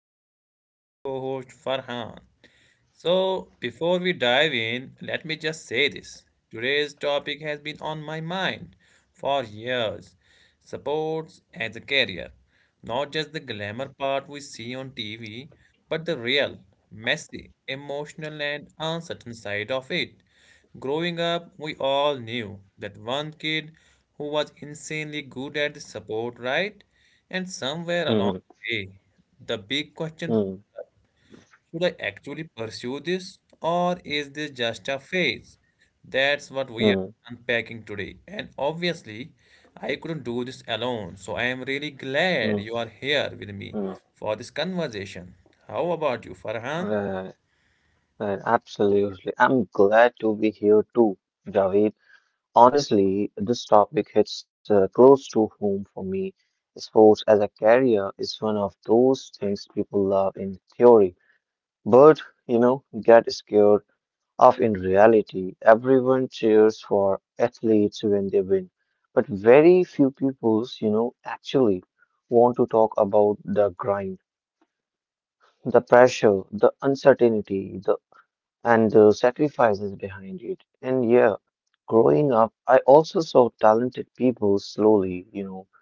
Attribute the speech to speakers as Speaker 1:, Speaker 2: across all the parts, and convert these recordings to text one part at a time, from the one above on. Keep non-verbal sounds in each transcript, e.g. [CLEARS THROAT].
Speaker 1: my fantastic co host Farhan. So, before we dive in, let me just say this. Today's topic has been on my mind for years supports as a career. Not just the glamour part we see on TV, but the real, messy, emotional, and uncertain side of it. Growing up, we all knew that one kid who was insanely good at the support, right? And somewhere
Speaker 2: Mm,
Speaker 1: along the way, the big question
Speaker 2: mm,
Speaker 1: should I actually pursue this or is this just a phase? That's what we are
Speaker 2: mm,
Speaker 1: unpacking today. And obviously, I couldn't do this alone. So I am really glad you
Speaker 2: mm,
Speaker 1: are here with me
Speaker 2: mm.
Speaker 1: for this conversation. How about you, Farhan?
Speaker 2: Right, right, absolutely. I'm glad to be here too, Javed. Honestly, this topic hits close to home for me. Sports as a career is one of those things people love in theory, but get scared of in reality. Everyone cheers for athletes when they win, but very few people's actually want to talk about the grind. The pressure, the uncertainty, the and the sacrifices behind it. And yeah, growing up, I also saw talented people slowly,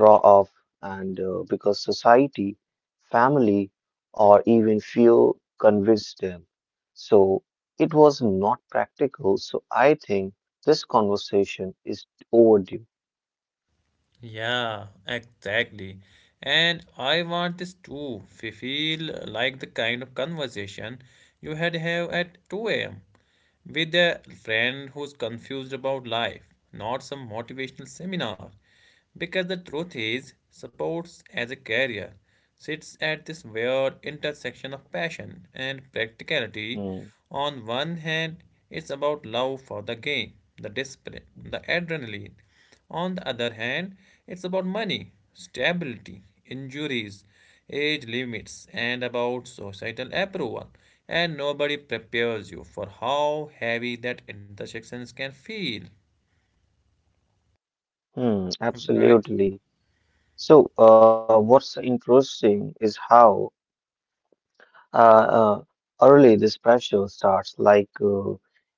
Speaker 2: draw off, and because society, family, or even fear convinced them. So it was not practical. So I think this conversation is overdue.
Speaker 1: Yeah, exactly. And I want this too. We feel like the kind of conversation you had have at 2 a.m. with a friend who's confused about life, not some motivational seminar. Because the truth is, sports as a career sits at this weird intersection of passion and practicality.
Speaker 2: Hmm.
Speaker 1: On one hand, it's about love for the game, the discipline, the adrenaline. On the other hand, it's about money, stability, injuries, age limits, and about societal approval. And nobody prepares you for how heavy that intersections can feel, right?
Speaker 2: Absolutely. So, what's interesting is how uh, uh, early this pressure starts. Like,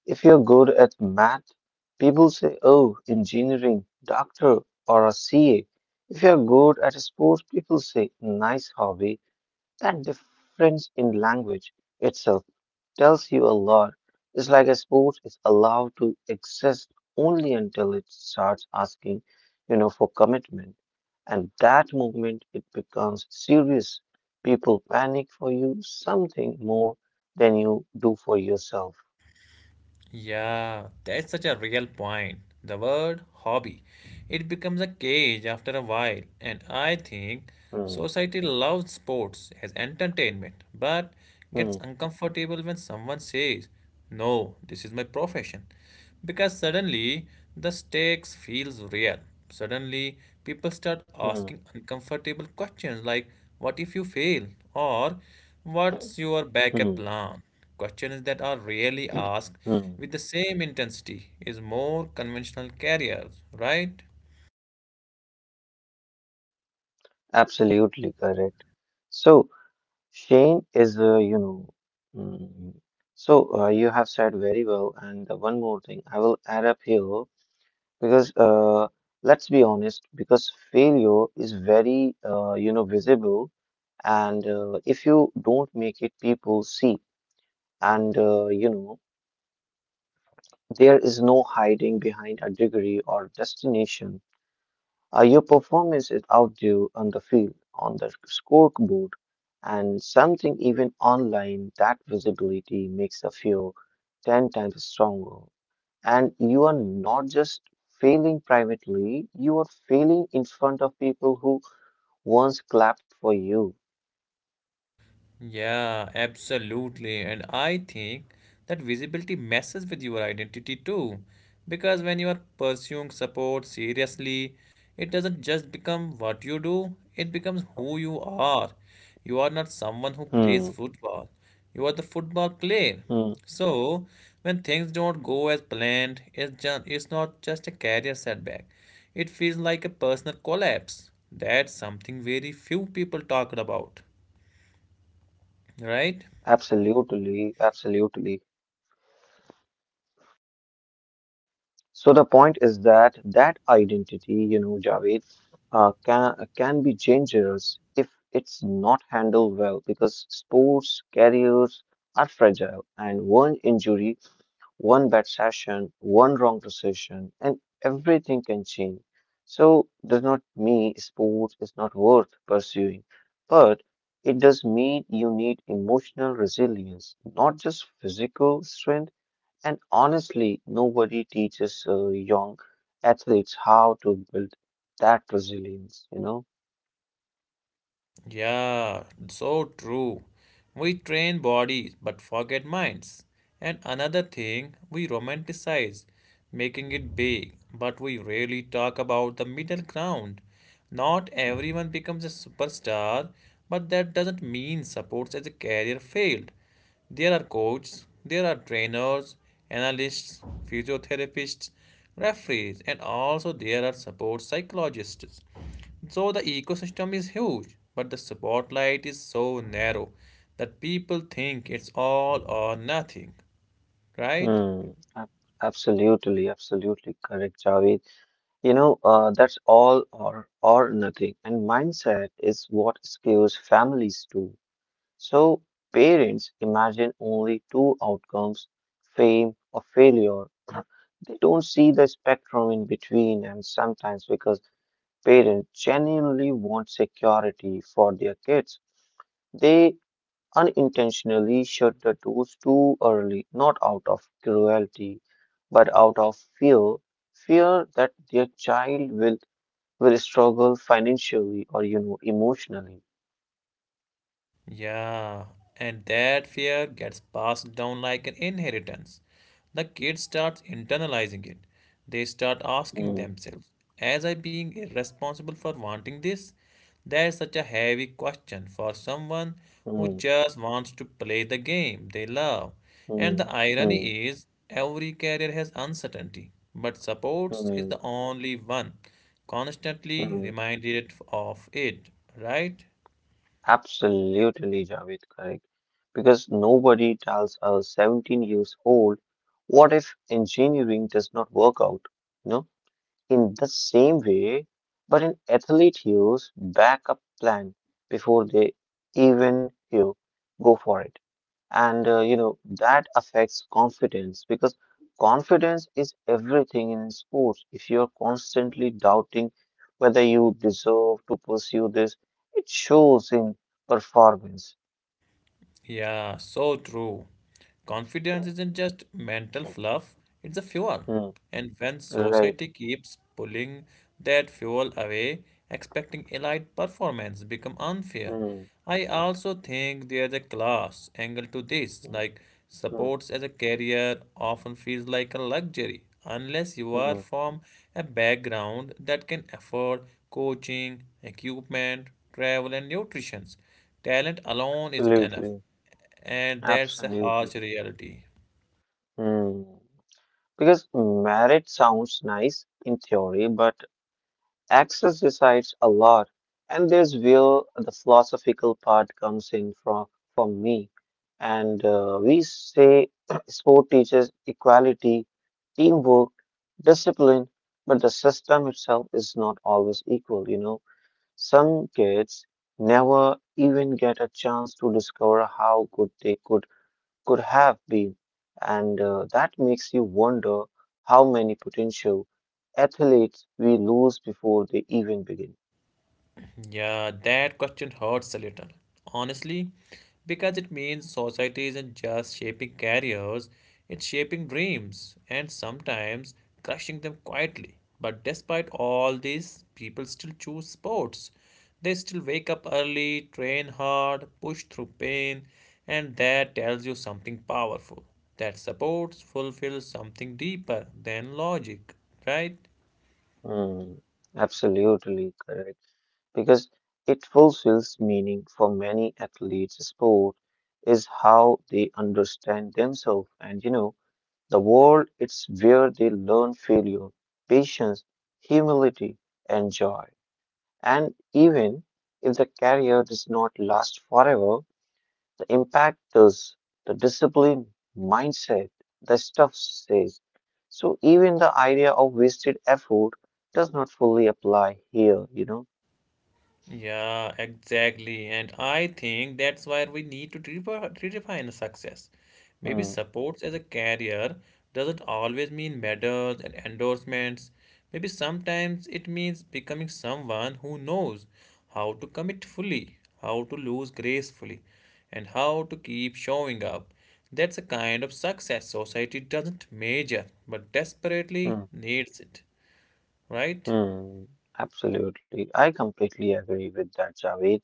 Speaker 2: if you're good at math, people say, oh, engineering, doctor, or a CA. If you're good at sports, people say, nice hobby. That difference in language itself tells you a lot. It's like a sport is allowed to exist only until it starts asking, for commitment. And that movement, it becomes serious. People panic for you something more than you do for yourself.
Speaker 1: Yeah, that's such a real point. The word hobby, it becomes a cage after a while, and I think
Speaker 2: Hmm,
Speaker 1: society loves sports as entertainment,
Speaker 2: hmm,
Speaker 1: but gets uncomfortable when someone says, "No, this is my profession," because suddenly the stakes feels real. Suddenly, people start
Speaker 2: hmm,
Speaker 1: asking uncomfortable questions like, "What if you fail?" or "What's
Speaker 2: hmm,
Speaker 1: your backup plan?" Questions that are rarely
Speaker 2: hmm.
Speaker 1: asked with the same intensity is more conventional careers, right?
Speaker 2: Absolutely correct. So, Shane is, mm, you have said very well. And the one more thing I will add up here. Because Let's be honest, because failure is very visible, and if you don't make it, people see, and there is no hiding behind a degree or destination. Your performance is out there on the field, on the scoreboard, and something even online. That visibility makes a few ten times stronger. And you are not just failing privately, you are failing in front of people who once clapped for you.
Speaker 1: Yeah, absolutely. And I think that visibility messes with your identity too. Because when you are pursuing support seriously, it doesn't just become what you do, it becomes who you are. You are not someone who
Speaker 2: Hmm,
Speaker 1: plays football, you are the football
Speaker 2: hmm,
Speaker 1: player. So, when things don't go as planned, it's not just a career setback, it feels like a personal collapse. That's something very few people talk about, right?
Speaker 2: absolutely, absolutely. So the point is that identity, you know, Javed, can be dangerous if it's not handled well because sports careers are fragile and one injury. One bad session, one wrong decision, and everything can change. So, does not mean sports is not worth pursuing, but it does mean you need emotional resilience, not just physical strength. And honestly, nobody teaches young athletes how to build that resilience, you know?
Speaker 1: Yeah, so true. We train bodies but forget minds. And another thing, we romanticize, making it big, but we rarely talk about the middle ground. Not everyone becomes a superstar, but that doesn't mean supports as a career failed. There are coaches, there are trainers, analysts, physiotherapists, referees, and also there are support psychologists. So the ecosystem is huge, but the spotlight is so narrow that people think it's all or nothing, right?
Speaker 2: Hmm. ab- Absolutely, absolutely correct, Javed. You know, that's all or nothing. And mindset is what skews families too. So parents imagine only two outcomes, fame or failure. [CLEARS THROAT] They don't see the spectrum in between, and sometimes because parents genuinely want security for their kids, they unintentionally shut the doors too early, not out of cruelty, but out of fear, fear that their child will struggle financially or emotionally.
Speaker 1: Yeah, and that fear gets passed down like an inheritance. The kid starts internalizing it. They start asking
Speaker 2: Mm,
Speaker 1: themselves, As I being irresponsible for wanting this? That's such a heavy question for someone who
Speaker 2: mm,
Speaker 1: just wants to play the game they love. And
Speaker 2: mm,
Speaker 1: the
Speaker 2: mm,
Speaker 1: irony is, every career has uncertainty, but supports is
Speaker 2: mm,
Speaker 1: the only one constantly
Speaker 2: mm.
Speaker 1: reminded of it, right?
Speaker 2: Absolutely, Javed, correct. Because nobody tells a 17 years old what if engineering does not work out? You know, in the same way, but an athlete use backup plan before they even, go for it. And that affects confidence because confidence is everything in sports. If you're constantly doubting whether you deserve to pursue this, it shows in performance.
Speaker 1: Yeah, so true. Confidence isn't just mental fluff, it's a fuel.
Speaker 2: Hmm,
Speaker 1: And when
Speaker 2: right.
Speaker 1: society keeps pulling that fuel away, expecting elite performance become unfair.
Speaker 2: Hmm,
Speaker 1: I also think there's a class angle to this,
Speaker 2: hmm,
Speaker 1: like
Speaker 2: hmm,
Speaker 1: sports as a career often feels like a luxury unless you are
Speaker 2: hmm.
Speaker 1: from a background that can afford coaching, equipment, travel and nutrition. Talent alone isn't enough,
Speaker 2: Absolutely.
Speaker 1: and that's a harsh
Speaker 2: Absolutely.
Speaker 1: reality.
Speaker 2: Hmm. Because merit sounds nice in theory, but access decides a lot, and there's where the philosophical part comes in from for me. And we say [CLEARS THROAT] sport teaches equality, teamwork, discipline, but the system itself is not always equal. You know, some kids never even get a chance to discover how good they could have been. And that makes you wonder how many potential athletes we lose before they even begin.
Speaker 1: Yeah, that question hurts a little, honestly, because it means society isn't just shaping careers, it's shaping dreams and sometimes crushing them quietly. But despite all this, people still choose sports. They still wake up early, train hard, push through pain, and that tells you something powerful. That supports, fulfills something deeper than logic, right?
Speaker 2: Hmm, absolutely correct. Because it fulfills meaning for many athletes. Sport is how they understand themselves and, the world. It's where they learn failure, patience, humility, and joy. And even if the career does not last forever, the impactors, the discipline, mindset, the stuff says. So even the idea of wasted effort does not fully apply here, you know?
Speaker 1: Yeah, exactly. And I think that's why we need to redefine success. Maybe
Speaker 2: Hmm,
Speaker 1: supports as a career doesn't always mean medals and endorsements. Maybe sometimes it means becoming someone who knows how to commit fully, how to lose gracefully, and how to keep showing up. That's a kind of success society doesn't measure, but desperately
Speaker 2: hmm,
Speaker 1: needs it, right?
Speaker 2: hmm. Absolutely. I completely agree with that, Javed,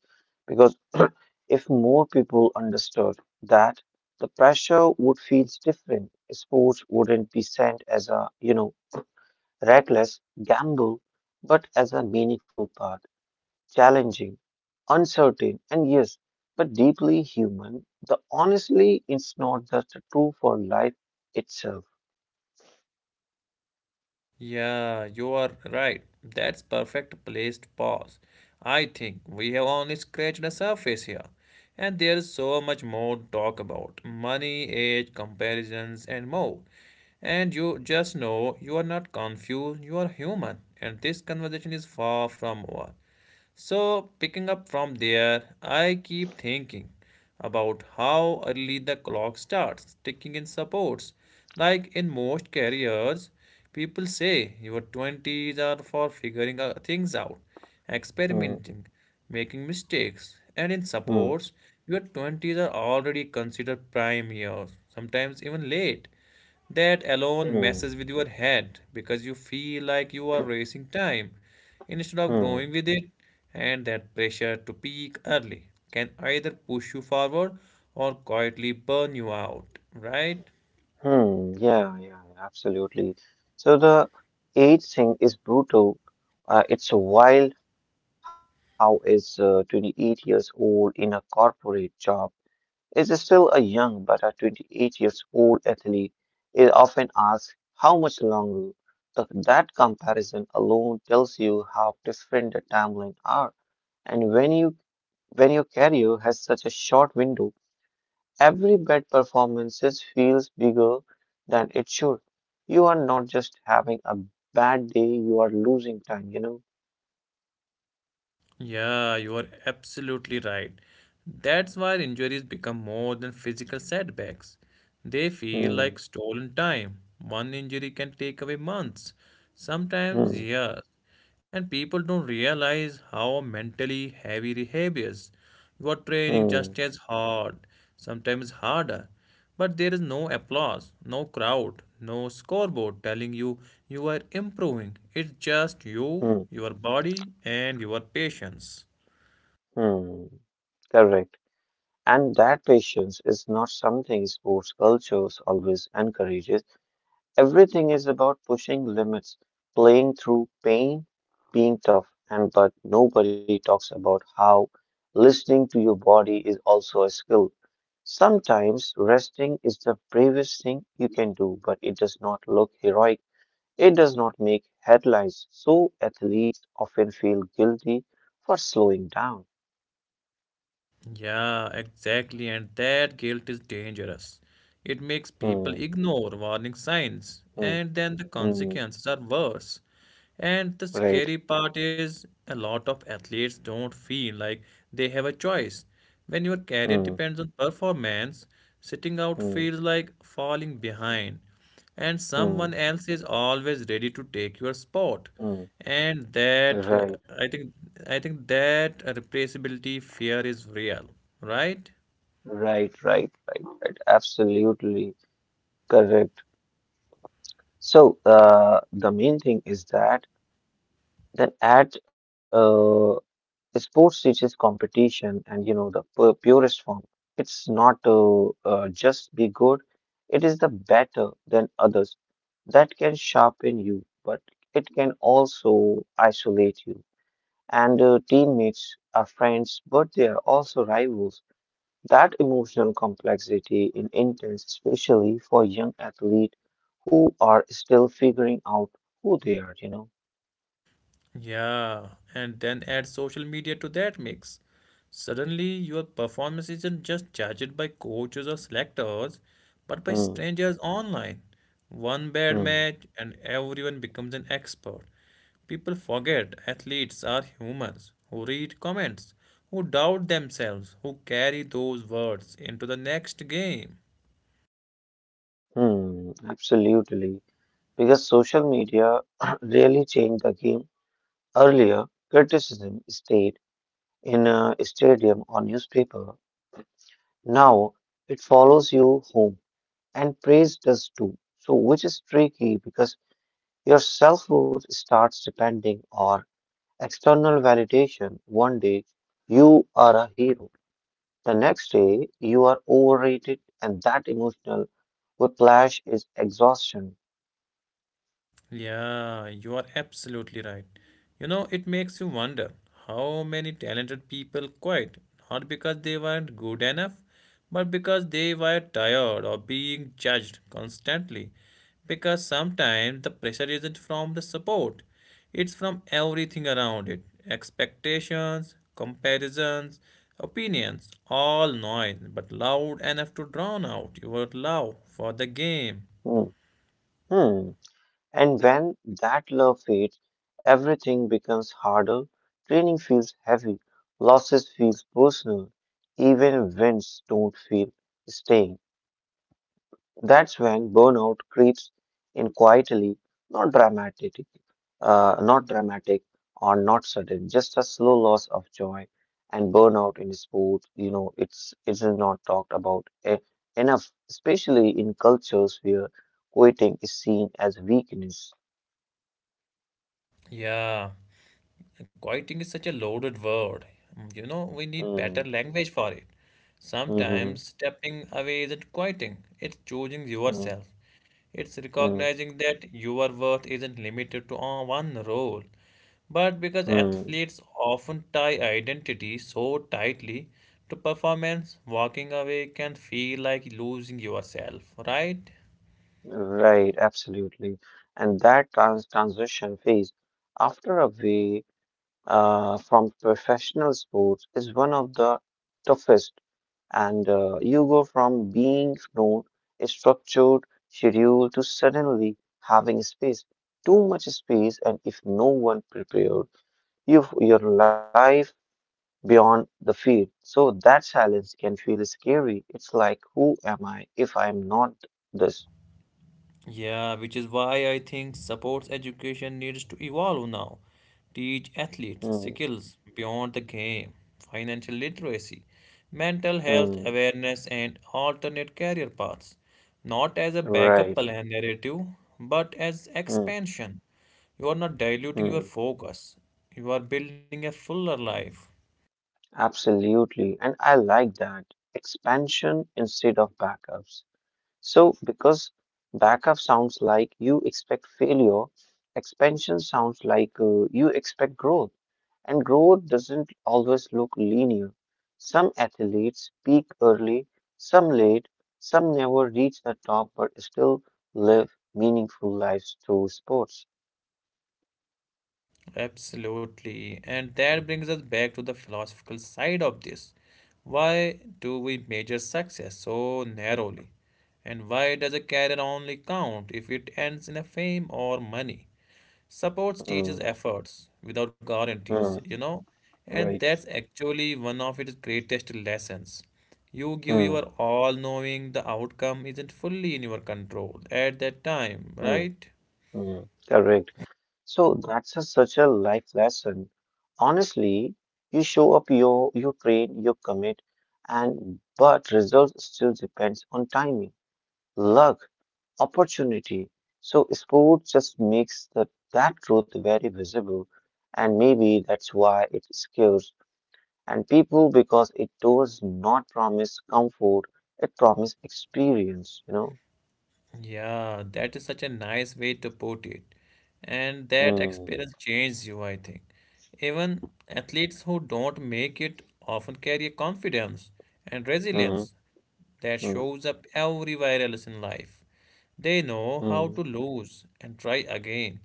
Speaker 2: because [CLEARS THROAT] if more people understood that the pressure would feel different, sports wouldn't be sent as a, reckless gamble, but as a meaningful part. Challenging, uncertain, and yes, but deeply human. The honestly, it's not just true for life itself.
Speaker 1: Yeah, you are right. That's perfect placed pause. I think we have only scratched the surface here. And there is so much more to talk about. Money, age, comparisons, and more. And you just know you are not confused, you are human. And this conversation is far from over. So, picking up from there, I keep thinking about how early the clock starts ticking in supports. Like in most careers, people say your 20s are for figuring out things out,
Speaker 2: Hmm,
Speaker 1: experimenting, making mistakes, and in supports,
Speaker 2: hmm,
Speaker 1: your 20s are already considered prime years, sometimes even late. That alone messes with
Speaker 2: hmm,
Speaker 1: your head because you feel like you are racing
Speaker 2: [CLEARS THROAT]
Speaker 1: time instead of growing with
Speaker 2: hmm,
Speaker 1: it, and that pressure to peak early can either push you forward or quietly burn you out, right?
Speaker 2: hmm. Yeah, yeah, yeah, absolutely. So the age thing is brutal. It's wild how is 28 years old in a corporate job is still a young but a 28 years old athlete is often asked how much longer. That comparison alone tells you how different the timeline are. And when your career has such a short window, every bad performance feels bigger than it should. You are not just having a bad day, you are losing time, you know?
Speaker 1: Yeah, you are absolutely right. That's why injuries become more than physical setbacks. They feel like
Speaker 2: Hmm,
Speaker 1: stolen time. One injury can take away months, sometimes
Speaker 2: hmm,
Speaker 1: years. And people don't realize how mentally heavy rehab is. You are training just
Speaker 2: hmm,
Speaker 1: as hard, sometimes harder. But there is no applause, no crowd, no scoreboard telling you you are improving. It's just you,
Speaker 2: hmm,
Speaker 1: your body, and your patience.
Speaker 2: hmm. Correct. And that patience is not something sports cultures always encourages. Everything is about pushing limits, playing through pain, being tough, and but nobody talks about how listening to your body is also a skill. Sometimes resting is the bravest thing you can do, but it does not look heroic. It does not make headlines, so athletes often feel guilty for slowing down.
Speaker 1: Yeah, exactly. And that guilt is dangerous. It makes people
Speaker 2: Hmm,
Speaker 1: ignore warning signs,
Speaker 2: hmm,
Speaker 1: and then the
Speaker 2: hmm,
Speaker 1: consequences are worse. And the
Speaker 2: right.
Speaker 1: scary part is a lot of athletes don't feel like they have a choice. When your career
Speaker 2: hmm.
Speaker 1: depends on performance, sitting out
Speaker 2: Mm,
Speaker 1: feels like falling behind, and someone
Speaker 2: mm,
Speaker 1: else is always ready to take your spot.
Speaker 2: mm.
Speaker 1: And that
Speaker 2: Right,
Speaker 1: I think I think that replaceability fear is real, right?
Speaker 2: right, right, right, right. Absolutely correct. So, the main thing is that that at sports teaches competition, and you know the pu purest form. It's not just be good; it is the better than others. That can sharpen you, but it can also isolate you. And teammates are friends, but they are also rivals. That emotional complexity is intense, especially for young athletes who are still figuring out who they are, you know.
Speaker 1: Yeah, and then add social media to that mix. Suddenly, your performance isn't just judged by coaches or selectors, but by
Speaker 2: Hmm,
Speaker 1: strangers online. One bad
Speaker 2: hmm,
Speaker 1: match, and everyone becomes an expert. People forget athletes are humans who read comments, who doubt themselves, who carry those words into the next game.
Speaker 2: absolutely. Because social media [CLEARS THROAT] really changed the game. Earlier, criticism stayed in a stadium or newspaper. Now, it follows you home and praise does too. So, which is tricky because your self worth starts depending on external validation. One day you are a hero. The next day you are overrated and that emotional whiplash is exhaustion.
Speaker 1: Yeah, you are absolutely right. You know, it makes you wonder how many talented people quit, not because they weren't good enough, but because they were tired of being judged constantly. Because sometimes the pressure isn't from the support, it's from everything around it expectations, comparisons, opinions, all noise, but loud enough to drown out your love for the game.
Speaker 2: Hmm. Hmm. And when that love fades, everything becomes harder. Training feels heavy. Losses feels personal. Even wins don't feel staying. That's when burnout creeps in quietly, not dramatic, uh, not dramatic or not sudden, just a slow loss of joy. And burnout in sports, you know, it is not talked about enough, especially in cultures where quitting is seen as weakness.
Speaker 1: Yeah. Quieting is such a loaded word. You know, we need better
Speaker 2: Mm,
Speaker 1: language for it.
Speaker 2: hmm
Speaker 1: Sometimes stepping away isn't quieting, it's choosing
Speaker 2: mm,
Speaker 1: yourself. It's
Speaker 2: mm,
Speaker 1: recognizing that your worth isn't limited to one role. But because
Speaker 2: mm.
Speaker 1: athletes often tie identity so tightly to performance, walking away can feel like losing yourself, right?
Speaker 2: Right, absolutely. And that transition phase, after a way from professional sports is one of the toughest, and you go from being known, structured schedule to suddenly having space, too much space, and if no one prepared you your life beyond the field. So that silence can feel scary. It's like, who am I if I'm not this?
Speaker 1: Yeah, which is why I think sports education needs to evolve now. Teach athletes
Speaker 2: Hmm,
Speaker 1: skills beyond the game, financial literacy, mental health
Speaker 2: hmm,
Speaker 1: awareness, and alternate career paths. Not as a
Speaker 2: right.
Speaker 1: backup plan narrative, but as
Speaker 2: Hmm,
Speaker 1: expansion. You are not diluting
Speaker 2: hmm.
Speaker 1: your focus, you are building a fuller life.
Speaker 2: Absolutely. And I like that. Expansion instead of backups. So, because backup sounds like you expect failure, expansion sounds like you expect growth. And growth doesn't always look linear. Some athletes peak early, some late, some never reach the top but still live meaningful lives through sports.
Speaker 1: Absolutely. And that brings us back to the philosophical side of this. Why do we measure success so narrowly? And why does a career only count if it ends in a fame or money? Supports
Speaker 2: Hmm,
Speaker 1: teaches efforts without guarantees,
Speaker 2: hmm,
Speaker 1: you know? And
Speaker 2: right.
Speaker 1: that's actually one of its greatest lessons. You give
Speaker 2: Hmm,
Speaker 1: your all knowing the outcome isn't fully in your control at that time,
Speaker 2: hmm,
Speaker 1: right?
Speaker 2: hmm. Correct. So that's a, such a life lesson. Honestly, you show up, you train, you commit, and but results still depends on timing, luck, opportunity. So sport just makes that truth very visible, and maybe that's why it scares and people because it does not promise comfort, it promises experience. You
Speaker 1: Yeah, that is such a nice way to put it. And that
Speaker 2: know.
Speaker 1: experience changes you, I think. Even athletes who don't make it often carry a confidence and
Speaker 2: Hmm. Hmm.
Speaker 1: resilience that
Speaker 2: Hmm.
Speaker 1: shows up everywhere else in life. They know
Speaker 2: Hmm.
Speaker 1: how to lose and try again.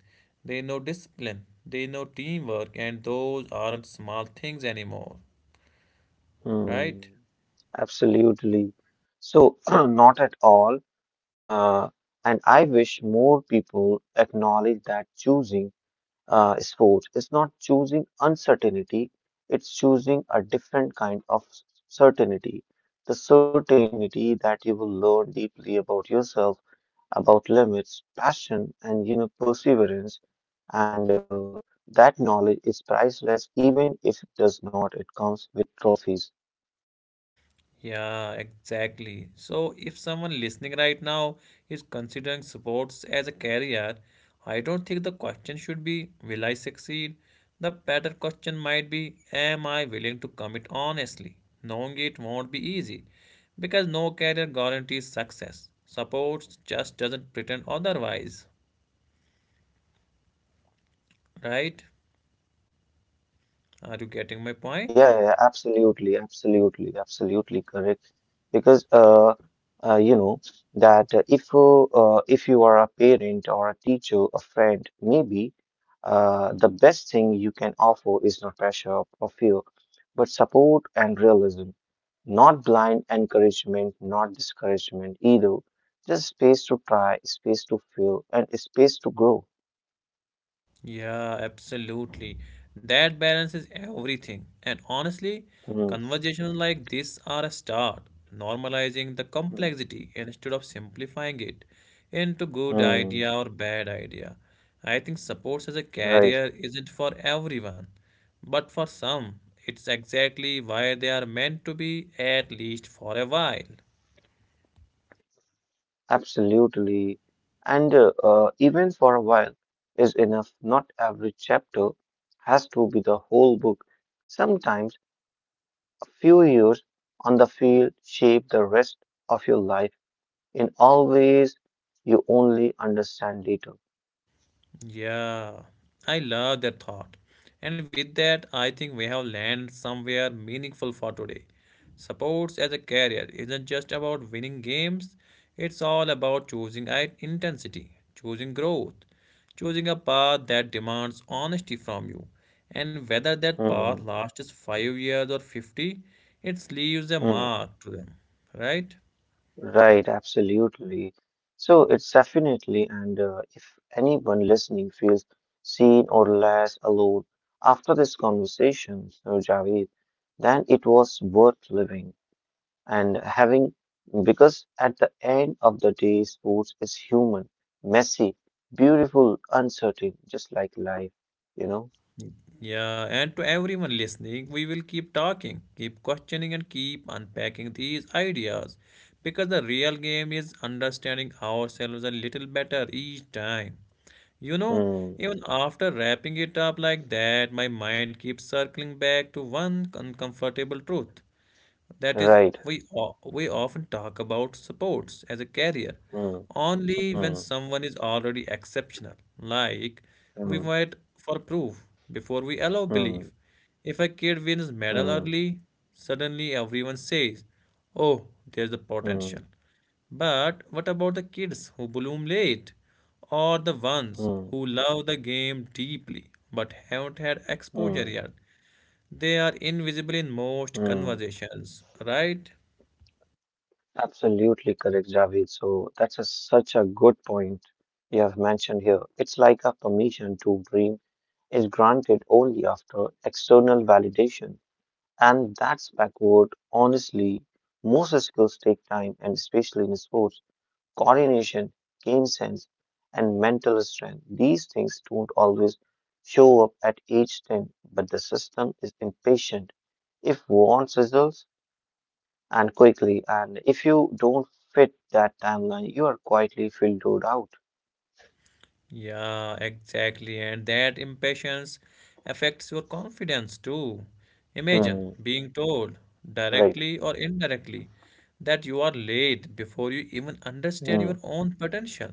Speaker 1: They know discipline, they know teamwork, and those aren't small things anymore,
Speaker 2: Hmm.
Speaker 1: right?
Speaker 2: Absolutely. So, [CLEARS THROAT] not at all. Uh, and I wish more people acknowledge that choosing sports is not choosing uncertainty, it's choosing a different kind of certainty. The certainty that you will learn deeply about yourself, about limits, passion, and you know perseverance. And that knowledge is priceless, even if it does not, it comes with trophies.
Speaker 1: Yeah, exactly. So, if someone listening right now is considering sports as a career, I don't think the question should be, Will I succeed? The better question might be, Am I willing to commit honestly? Knowing it won't be easy because no career guarantees success. Sports just doesn't pretend otherwise, right? Are you getting my
Speaker 2: Yeah,
Speaker 1: point?
Speaker 2: yeah, yeah, absolutely, absolutely, absolutely correct. Because uh, you know that if you are a parent or a teacher, a friend, maybe the best thing you can offer is not pressure or fear, but support and realism. Not blind encouragement, not discouragement either. Just space to try, space to feel, and space to grow.
Speaker 1: Yeah, absolutely. That balance is everything. And honestly,
Speaker 2: Mm,
Speaker 1: conversations like this are a start, normalizing the
Speaker 2: mm,
Speaker 1: complexity instead of simplifying it into good
Speaker 2: mm,
Speaker 1: idea or bad idea. I think sports as a
Speaker 2: right.
Speaker 1: career isn't for everyone, but for some, it's exactly why they are meant to be, at least for a while.
Speaker 2: Absolutely. And even for a while is enough. Not every chapter has to be the whole book. Sometimes a few years on the field shape the rest of your life in all ways you only understand later.
Speaker 1: Yeah, I love that thought. And with that, I think we have landed somewhere meaningful for today. Sports as a career isn't just about winning games, it's all about choosing intensity, choosing growth, choosing a path that demands honesty from you. And whether that path
Speaker 2: Hmm.
Speaker 1: lasts 5 years or 50, it leaves a
Speaker 2: Hmm.
Speaker 1: mark to them, right?
Speaker 2: Right, absolutely. So it's definitely, and if anyone listening feels seen or less alone after this conversation, so Javed, then it was worth living and having, because at the end of the day, sports is human, messy, beautiful, uncertain, just like life, you know?
Speaker 1: Yeah, and to everyone listening, we will keep talking, keep questioning, and keep unpacking these ideas because the real game is understanding ourselves a little better each time. You know,
Speaker 2: Hmm,
Speaker 1: even after wrapping it up like that, my mind keeps circling back to one uncomfortable truth. That is,
Speaker 2: right.
Speaker 1: we, we often talk about sports as a career
Speaker 2: Hmm,
Speaker 1: only when
Speaker 2: hmm,
Speaker 1: someone is already exceptional. Like, we
Speaker 2: hmm,
Speaker 1: wait for proof before we allow belief.
Speaker 2: hmm,
Speaker 1: If a kid wins
Speaker 2: hmm,
Speaker 1: medal early, suddenly everyone says, oh, there's a
Speaker 2: hmm,
Speaker 1: potential. But what about the kids who bloom late? Or the ones
Speaker 2: hmm,
Speaker 1: who love the game deeply but haven't had exposure yet?
Speaker 2: hmm,
Speaker 1: They are invisible in
Speaker 2: hmm.
Speaker 1: most conversations, right?
Speaker 2: Absolutely correct, Javed. Such a good point you have mentioned here. It's like a permission to dream is granted only after external validation. And that's backward. Honestly, most skills take time, and especially in sports, coordination, game sense, and mental strength. These things don't always show up at age 10, but the system is impatient. If wants results, and quickly. And if you don't fit that timeline, you are quietly filtered out.
Speaker 1: Yeah, exactly. And that impatience affects your confidence too. Imagine
Speaker 2: Hmm.
Speaker 1: being told,
Speaker 2: Right.
Speaker 1: directly or indirectly, that you are late before you even understand your
Speaker 2: Hmm.
Speaker 1: own potential.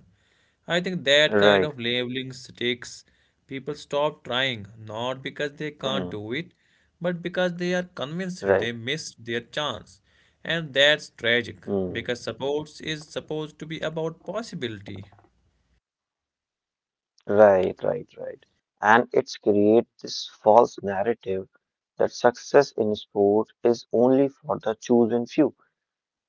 Speaker 1: I think that kind of
Speaker 2: Right.
Speaker 1: labeling sticks. People stop trying, not because they can't do it,
Speaker 2: Hmm.
Speaker 1: but because they are
Speaker 2: Right.
Speaker 1: convinced they missed their chance. And that's tragic,
Speaker 2: Hmm.
Speaker 1: because sports is supposed to be about possibility.
Speaker 2: Right. Right. Right. And it's create this false narrative that success in sports is only for the chosen few,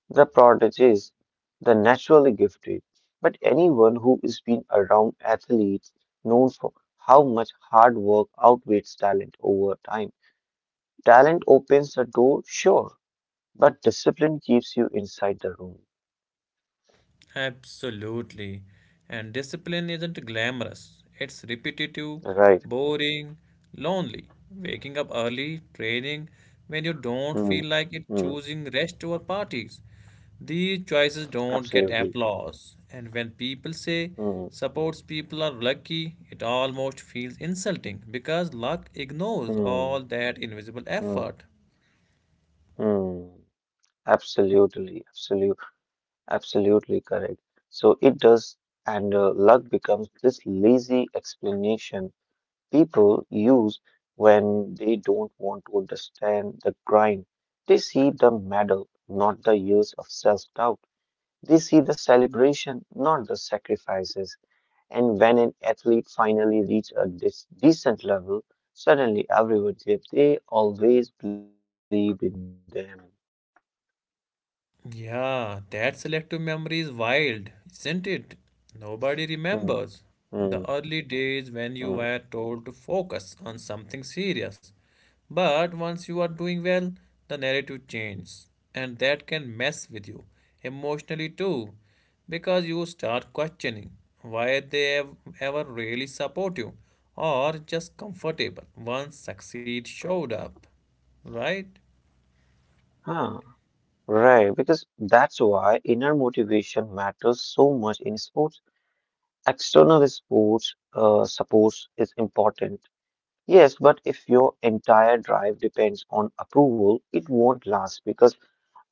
Speaker 2: the prodigies, the naturally gifted. But anyone who is been around athletes knows for how much hard work outweighs talent over time. Talent opens a door, sure, but discipline keeps you inside the room.
Speaker 1: Absolutely. And discipline isn't glamorous. It's repetitive,
Speaker 2: Right.
Speaker 1: boring, lonely. Waking up early, training when you
Speaker 2: Hmm.
Speaker 1: don't feel
Speaker 2: Hmm.
Speaker 1: like it, choosing rest over parties. These choices don't
Speaker 2: Absolutely.
Speaker 1: get applause. And when people say
Speaker 2: Hmm.
Speaker 1: sports people are lucky, it almost feels insulting because luck ignores
Speaker 2: Hmm.
Speaker 1: all that invisible
Speaker 2: Hmm.
Speaker 1: effort.
Speaker 2: Hmm. Absolutely. Absolute. Absolutely correct. So it does, and luck becomes this lazy explanation people use when they don't want to understand the grind. They see the medal, not the years of self-doubt. They see the celebration, not the sacrifices. And when an athlete finally reaches a decent level, suddenly everyone claims they always believed in them.
Speaker 1: Yeah, that selective memory is wild, isn't it?
Speaker 2: Hmm,
Speaker 1: Nobody remembers
Speaker 2: hmm,
Speaker 1: the early days
Speaker 2: hmm.
Speaker 1: when you were told to focus on something serious. But once you are doing well, the narrative changes, and that can mess with you emotionally too, because you start questioning why they ever really support you or just comfortable once succeed showed up, right?
Speaker 2: Huh. Right, because that's why inner motivation matters so much in sports. External sports support is important. Yes, but if your entire drive depends on approval, it won't last because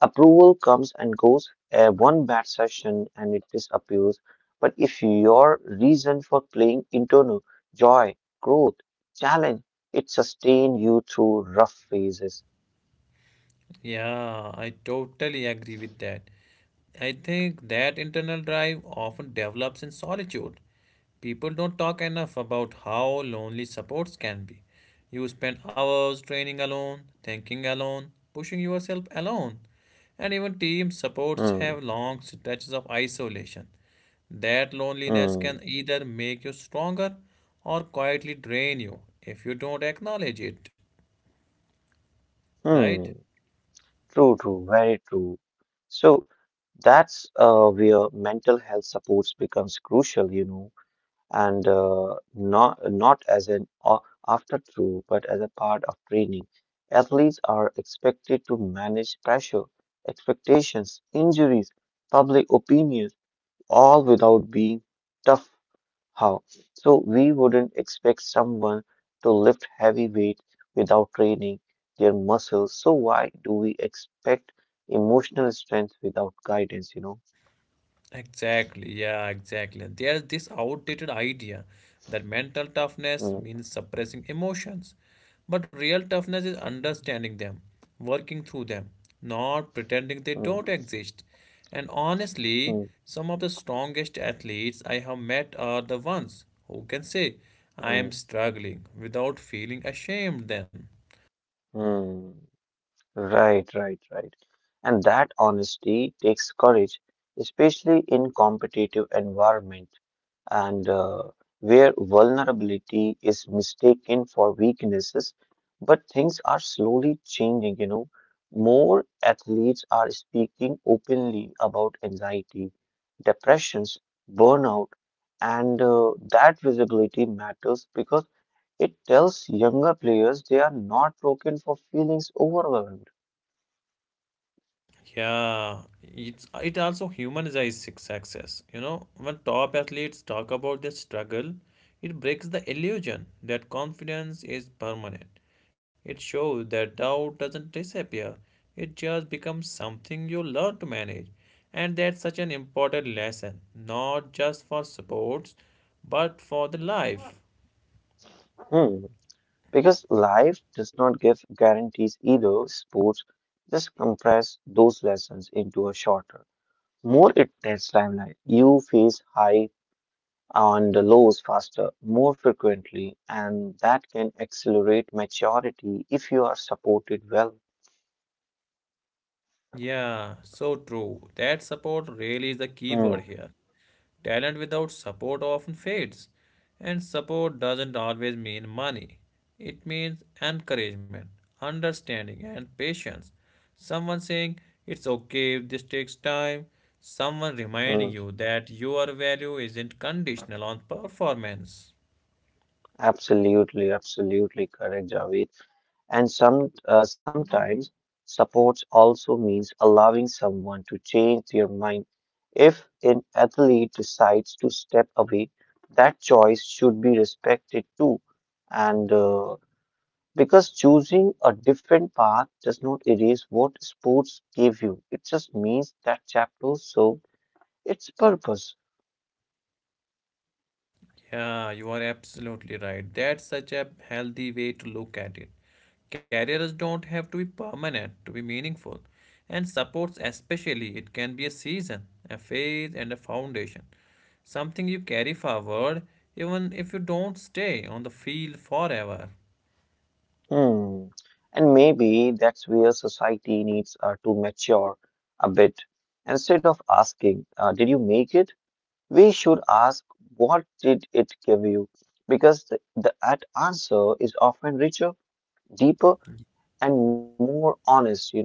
Speaker 2: approval comes and goes. One bad session and it disappears. But if your reason for playing internal joy, growth, challenge, it sustains you through rough phases.
Speaker 1: Yeah, I totally agree with that. I think that internal drive often develops in solitude. People don't talk enough about how lonely supports can be. You spend hours training alone, thinking alone, pushing yourself alone. And even team supports have
Speaker 2: Hmm,
Speaker 1: long stretches of isolation. That loneliness can
Speaker 2: hmm,
Speaker 1: either make you stronger or quietly drain you if you don't acknowledge it, right?
Speaker 2: hmm. True, true, very true. So that's where mental health supports becomes crucial, you know, and not as an afterthought, but as a part of training. Athletes are expected to manage pressure, expectations, injuries, public opinions, all without being tough. How? So we wouldn't expect someone to lift heavy weight without training their muscles. So why do we expect emotional strength without guidance, you know?
Speaker 1: Exactly, yeah, exactly. There's this outdated idea that mental toughness
Speaker 2: Mm,
Speaker 1: means suppressing emotions. But real toughness is understanding them, working through them, not pretending they don't
Speaker 2: mm,
Speaker 1: exist. And honestly,
Speaker 2: mm,
Speaker 1: some of the strongest athletes I have met are the ones who can say, I am
Speaker 2: mm,
Speaker 1: struggling without feeling ashamed then.
Speaker 2: mm. Right, right, right. And that honesty takes courage, especially in competitive environment and where vulnerability is mistaken for weaknesses. But things are slowly changing, you know. More athletes are speaking openly about anxiety, depressions, burnout, and that visibility matters because it tells younger players they are not broken for feelings overwhelmed.
Speaker 1: Yeah, it also humanizes success. You know, when top athletes talk about their struggle, it breaks the illusion that confidence is permanent. It shows that doubt doesn't disappear. It just becomes something you learn to manage. And that's such an important lesson, not just for sports, but for the life.
Speaker 2: Hmm. Because life does not give guarantees either, sports just compress those lessons into a shorter, more intense timeline. You face high and the lows faster, more frequently, and that can accelerate maturity if you are supported well.
Speaker 1: Yeah, so true. That support really is the key
Speaker 2: Hmm.
Speaker 1: word here. Talent without support often fades, and support doesn't always mean money. It means encouragement, understanding, and patience. Someone saying it's okay if this takes time, someone reminding
Speaker 2: Hmm.
Speaker 1: you that your value isn't conditional on performance.
Speaker 2: Absolutely, absolutely correct, Javed. And sometimes support also means allowing someone to change their mind. If an athlete decides to step away, that choice should be respected too. And because choosing a different path does not erase what sports gave you, it just means that chapter served its purpose.
Speaker 1: Yeah, you are absolutely right. That's such a healthy way to look at it. Careers don't have to be permanent to be meaningful. And supports, especially, it can be a season, a phase, and a foundation. Something you carry forward even if you don't stay on the field forever.
Speaker 2: Hmm. And maybe that's where society needs to mature a bit. Instead of asking, did you make it? We should ask, what did it give you? Because the that answer is often richer, deeper, and more honest, you know?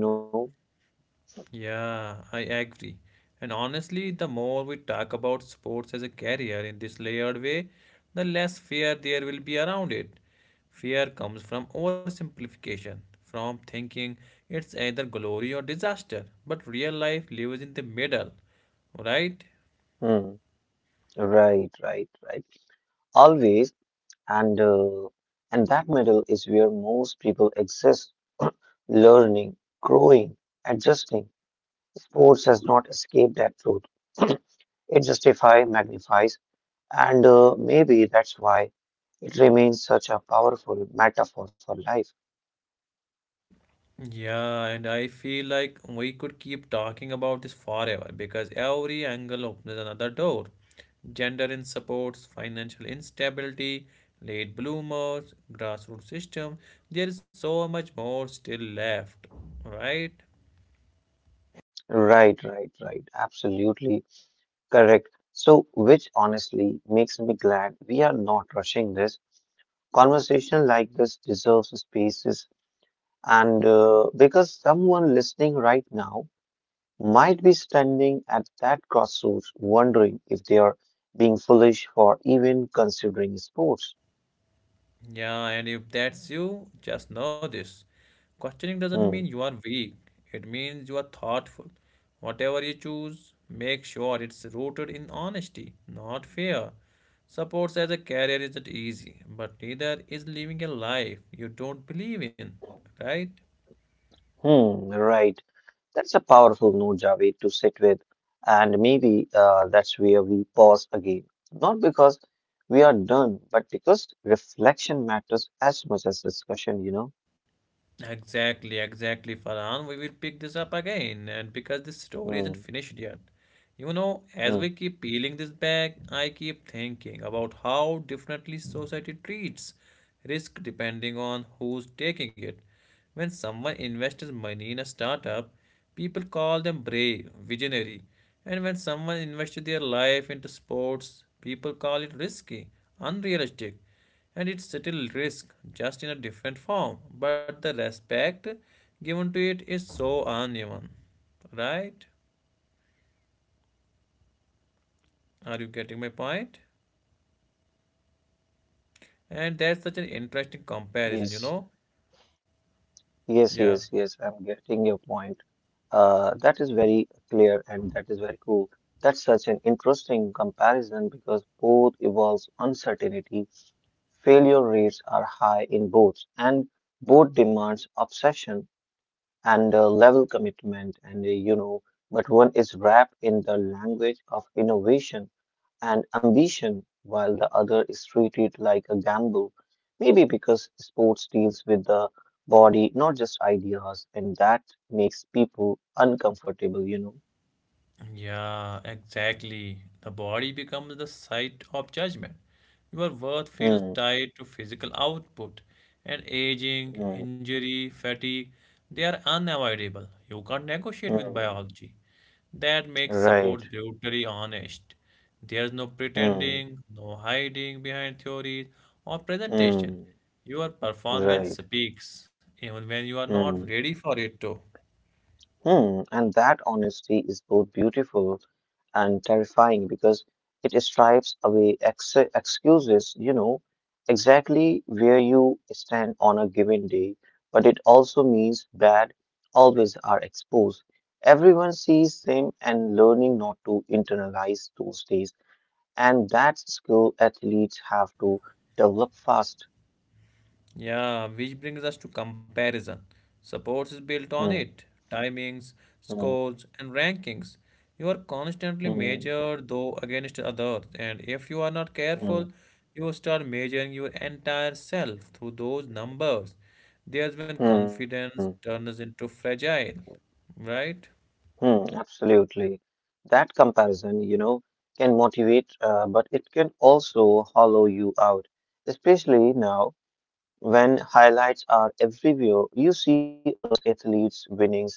Speaker 1: Yeah, I agree. And honestly, the more we talk about sports as a career in this layered way, the less fear there will be around it. Fear comes from oversimplification, from thinking it's either glory or disaster, but real life lives in the middle, right?
Speaker 2: Hmm. Right, right, right. Always. And, uh, and that middle is where most people exist, [CLEARS THROAT] learning, growing, adjusting. Sports has not escaped that truth. [CLEARS THROAT] It justifies, magnifies, and maybe that's why it remains such a powerful metaphor for life.
Speaker 1: Yeah, and I feel like we could keep talking about this forever because every angle opens another door. Gender in supports, financial instability, late bloomers, grassroots system. There is so much more still left, right?
Speaker 2: Right, right, right. Absolutely correct. So, which honestly makes me glad we are not rushing this. Conversation like this deserves spaces, and because someone listening right now might be standing at that crossroads wondering if they are being foolish for even considering sports.
Speaker 1: Yeah, and if that's you, just know this. Questioning doesn't
Speaker 2: Hmm.
Speaker 1: mean you are weak, it means you are thoughtful. Whatever you choose, make sure it's rooted in honesty, not fear. Supports as a career isn't easy, but neither is living a life you don't believe in, right?
Speaker 2: Hmm, right. That's a powerful note, Javed, to sit with. And maybe that's where we pause again. Not because we are done, but because reflection matters as much as discussion, you know?
Speaker 1: Exactly, exactly, Farhan. We will pick this up again, and because this story
Speaker 2: Hmm,
Speaker 1: isn't finished yet. You know,
Speaker 2: hmm.
Speaker 1: as we keep peeling this back, I keep thinking about how differently society treats risk depending on who's taking it. When someone invests money in a startup, people call them brave, visionary. And when someone invests their life into sports, people call it risky, unrealistic, and it's subtle risk, just in a different form, but the respect given to it is so uneven, right? Are you getting my point? And that's such an interesting comparison, you
Speaker 2: Yes.
Speaker 1: know?
Speaker 2: Yes,
Speaker 1: Yeah,
Speaker 2: yes, yes. I'm getting your point. That is very clear and that is very cool. That's such an interesting comparison because both involves uncertainty. Failure rates are high in both, and both demands obsession, and level commitment, and but one is wrapped in the language of innovation and ambition while the other is treated like a gamble, maybe because sports deals with the body, not just ideas, and that makes people uncomfortable, you know?
Speaker 1: yeah, exactly, the body becomes the site of judgment. Your worth feels
Speaker 2: Hmm.
Speaker 1: tied to physical output, and aging,
Speaker 2: Hmm.
Speaker 1: injury, fatigue, they are unavoidable. You can't negotiate with
Speaker 2: Hmm.
Speaker 1: biology. That makes support
Speaker 2: Right.
Speaker 1: brutally honest. There's no
Speaker 2: Hmm.
Speaker 1: pretending, no hiding behind theories or presentation.
Speaker 2: Hmm.
Speaker 1: Your performance
Speaker 2: Right.
Speaker 1: speaks, even when you are not
Speaker 2: Hmm.
Speaker 1: ready for it to.
Speaker 2: Hmm. And that honesty is both beautiful and terrifying because it stripes away excuses, you know, exactly where you stand on a given day. But it also means bad always are exposed. Everyone sees them and learning not to internalize those days. And that skill athletes have to develop fast.
Speaker 1: Yeah, which brings us to comparison. Sports is built on
Speaker 2: Hmm,
Speaker 1: it, timings,
Speaker 2: hmm,
Speaker 1: scores, and rankings. You are constantly
Speaker 2: hmm,
Speaker 1: measured, though, against others, and if you are not
Speaker 2: hmm,
Speaker 1: careful, you start measuring your entire self through those numbers. There's when
Speaker 2: hmm.
Speaker 1: confidence turns into fragile, right?
Speaker 2: Hmm, absolutely. That comparison, you know, can motivate, but it can also hollow you out, especially now when highlights are everywhere. You see others' athletes winnings,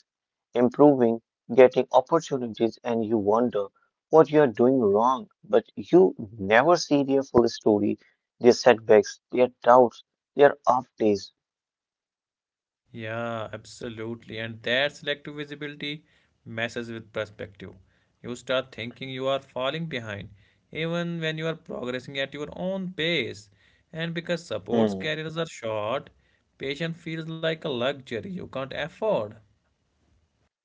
Speaker 2: improving, getting opportunities, and you wonder what you're doing wrong. But you never see their full story, their setbacks, their doubts, their off days.
Speaker 1: Yeah, absolutely. And that selective visibility messes with perspective. You start thinking you are falling behind, even when you are progressing at your own pace. And because support
Speaker 2: Hmm.
Speaker 1: careers are short, patience feels like a luxury you can't afford.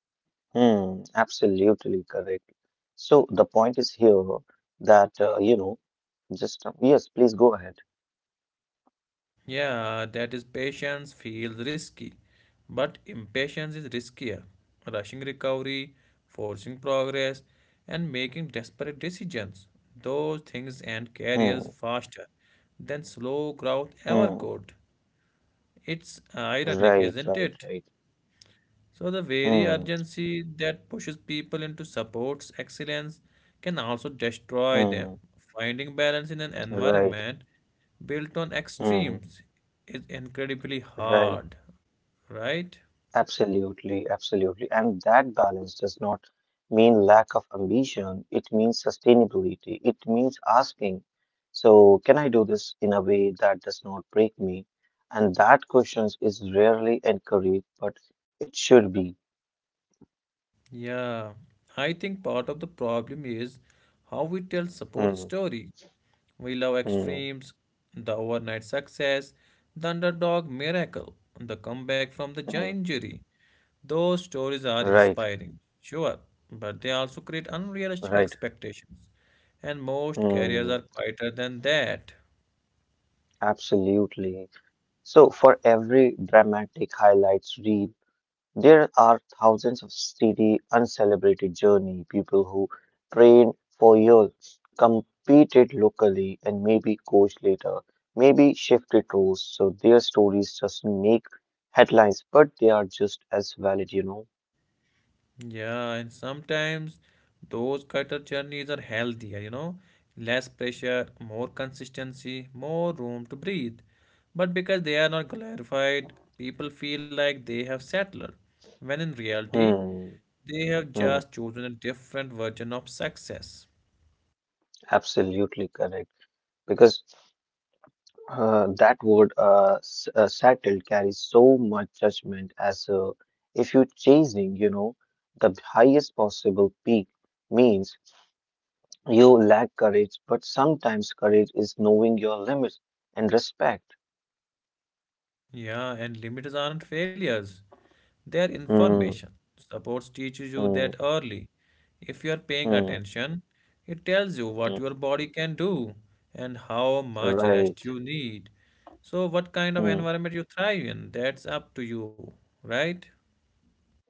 Speaker 2: Hmm, absolutely correct. So the point is here that you know, just Yes, please go ahead.
Speaker 1: Yeah, that is patience feels risky, but impatience is riskier. Rushing recovery, forcing progress, and making desperate decisions. Those things end
Speaker 2: Hmm,
Speaker 1: careers faster than slow growth
Speaker 2: hmm,
Speaker 1: ever could. It's
Speaker 2: right,
Speaker 1: ironic,
Speaker 2: right,
Speaker 1: isn't
Speaker 2: right.
Speaker 1: it? So, the
Speaker 2: Hmm,
Speaker 1: very urgency that pushes people into supports excellence can also destroy
Speaker 2: hmm,
Speaker 1: them. Finding balance in an
Speaker 2: right,
Speaker 1: environment built on
Speaker 2: hmm,
Speaker 1: extremes is incredibly
Speaker 2: right.
Speaker 1: hard, right?
Speaker 2: Absolutely, absolutely. And that balance does not mean lack of ambition, it means sustainability, it means asking, so can I do this in a way that does not break me? And that question is rarely encouraged, but it should be.
Speaker 1: Yeah, I think part of the problem is how we tell support
Speaker 2: Hmm,
Speaker 1: story. We love
Speaker 2: hmm,
Speaker 1: extremes, the overnight success, the underdog miracle, the comeback from the
Speaker 2: hmm.
Speaker 1: injury. Those stories are
Speaker 2: Right,
Speaker 1: inspiring, sure, but they also create unrealistic
Speaker 2: right.
Speaker 1: expectations, and most
Speaker 2: Hmm,
Speaker 1: careers are quieter than that.
Speaker 2: absolutely. So for every dramatic highlights reel, there are thousands of steady, uncelebrated journey people who train for years, competed locally, and maybe coached later, maybe shifted roles. So their stories just make headlines, but they are just as valid, you know.
Speaker 1: Yeah, and sometimes those quieter journeys are healthier, you know, less pressure, more consistency, more room to breathe. But because they are not glorified, people feel like they have settled, when in reality,
Speaker 2: Hmm.
Speaker 1: they have
Speaker 2: Hmm.
Speaker 1: just chosen a different version of success.
Speaker 2: Absolutely correct. Because that word settled carries so much judgment. As If you're chasing, you know, the highest possible peak means you lack courage, but sometimes courage is knowing your limits and respect.
Speaker 1: Yeah, and limits aren't failures. Their
Speaker 2: Hmm,
Speaker 1: information supports teaches you
Speaker 2: hmm,
Speaker 1: that early. If you are paying
Speaker 2: hmm,
Speaker 1: attention, it tells you what
Speaker 2: hmm.
Speaker 1: your body can do and how much
Speaker 2: Right.
Speaker 1: rest you need. So, what kind of
Speaker 2: Hmm,
Speaker 1: environment you thrive in, that's up to you, right?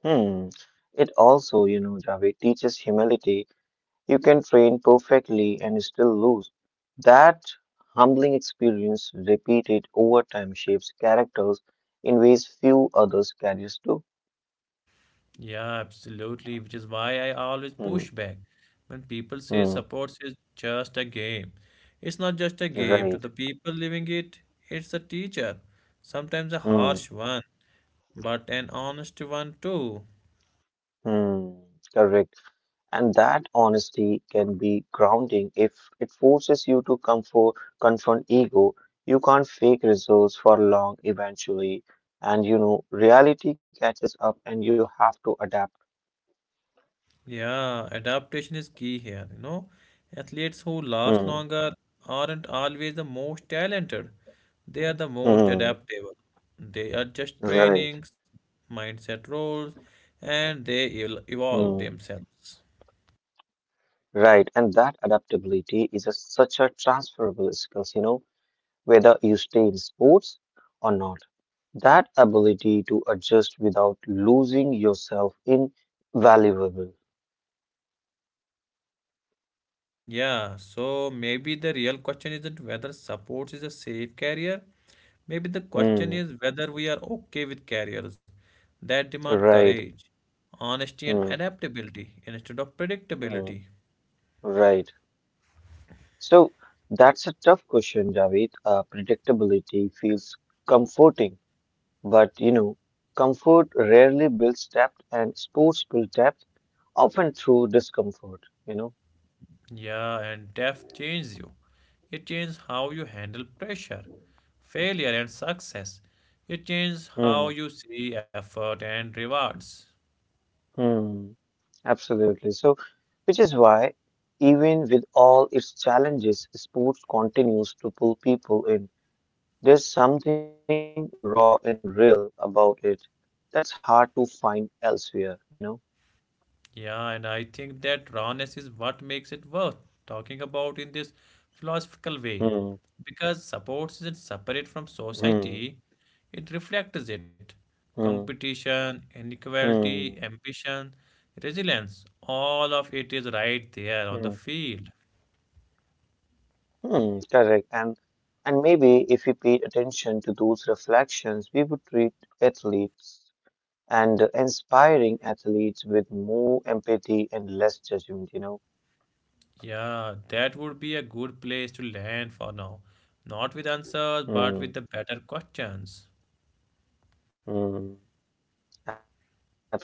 Speaker 2: hmm. It also, you know, Javed, teaches humility. You can train perfectly and still lose. That humbling experience, repeated over time, shapes characters in ways few others carries do.
Speaker 1: Yeah, absolutely. Which is why I always
Speaker 2: Hmm,
Speaker 1: push back when people say
Speaker 2: hmm.
Speaker 1: sports is just a game. It's not just a game to
Speaker 2: Right.
Speaker 1: the people living it, it's a teacher, sometimes a
Speaker 2: Hmm,
Speaker 1: harsh one, but an honest one too.
Speaker 2: hmm. Correct. And that honesty can be grounding if it forces you to confront ego. You can't fake results for long eventually. And you know, reality catches up and you have to adapt.
Speaker 1: Yeah, adaptation is key here. You know, athletes who last
Speaker 2: Hmm.
Speaker 1: longer aren't always the most talented. They are the most
Speaker 2: Hmm.
Speaker 1: adaptable. They adjust
Speaker 2: Right.
Speaker 1: trainings, mindset roles, and they
Speaker 2: Hmm.
Speaker 1: evolve themselves.
Speaker 2: Right. And that adaptability is a, such a transferable skill, you know, whether you stay in sports or not. That ability to adjust without losing yourself in valuable.
Speaker 1: Yeah, so maybe the real question isn't whether sports is a safe career. Maybe the question
Speaker 2: Hmm.
Speaker 1: is whether we are okay with careers that demand
Speaker 2: Right.
Speaker 1: courage, honesty, and
Speaker 2: Hmm,
Speaker 1: adaptability instead of
Speaker 2: hmm,
Speaker 1: predictability.
Speaker 2: right. So that's a tough question, Javed. Predictability feels comforting, but you know, comfort rarely builds depth, and sports build depth often through discomfort, you know.
Speaker 1: Yeah, and death changes you. It changes how you handle pressure, failure, and success. It changes how
Speaker 2: Hmm,
Speaker 1: you see effort and rewards.
Speaker 2: hmm, absolutely. So, which is why, even with all its challenges, sports continues to pull people in. There's something raw and real about it that's hard to find elsewhere, you know.
Speaker 1: Yeah, and I think that rawness is what makes it worth talking about in this
Speaker 2: Hmm.
Speaker 1: philosophical way. Because sports isn't
Speaker 2: Hmm,
Speaker 1: separate from society, it reflects it.
Speaker 2: hmm,
Speaker 1: Competition,
Speaker 2: hmm,
Speaker 1: inequality, ambition, resilience, all of it is right
Speaker 2: hmm,
Speaker 1: there on the field.
Speaker 2: hmm, correct. And maybe if we paid attention to those reflections, we would treat athletes and inspiring athletes with more empathy and less judgment, you know.
Speaker 1: Yeah, that would be a good place to land for now. Not with answers, but with
Speaker 2: Hmm,
Speaker 1: the better questions.
Speaker 2: hmm, absolutely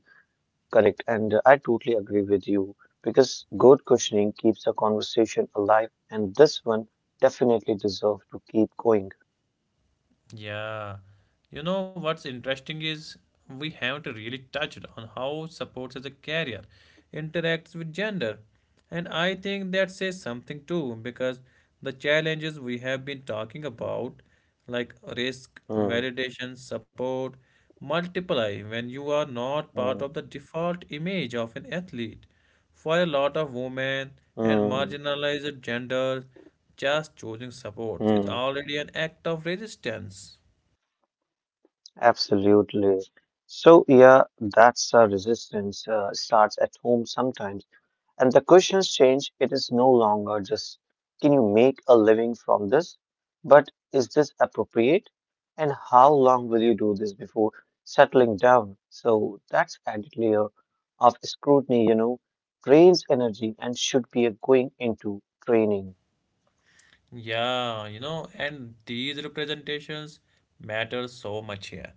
Speaker 2: correct. And I totally agree with you because good questioning keeps a conversation alive, and this one definitely deserves to keep going.
Speaker 1: Yeah. You know what's interesting is we haven't really touched on how sports as a career interacts with gender. And I think that says something too because the challenges we have been talking about, like risk,
Speaker 2: Hmm,
Speaker 1: validation, support, multiply when you are not
Speaker 2: hmm,
Speaker 1: part of the default image of an athlete. For a lot of women and
Speaker 2: hmm,
Speaker 1: marginalized genders, just choosing supports is
Speaker 2: hmm.
Speaker 1: already an act of resistance.
Speaker 2: Absolutely. So, yeah, that's a resistance starts at home sometimes. And the questions change. It is no longer just, can you make a living from this? But is this appropriate? And how long will you do this before settling down? So, that's added layer of scrutiny, you know, drains energy and should be going into training.
Speaker 1: Yeah, you know, and these representations matter so much here.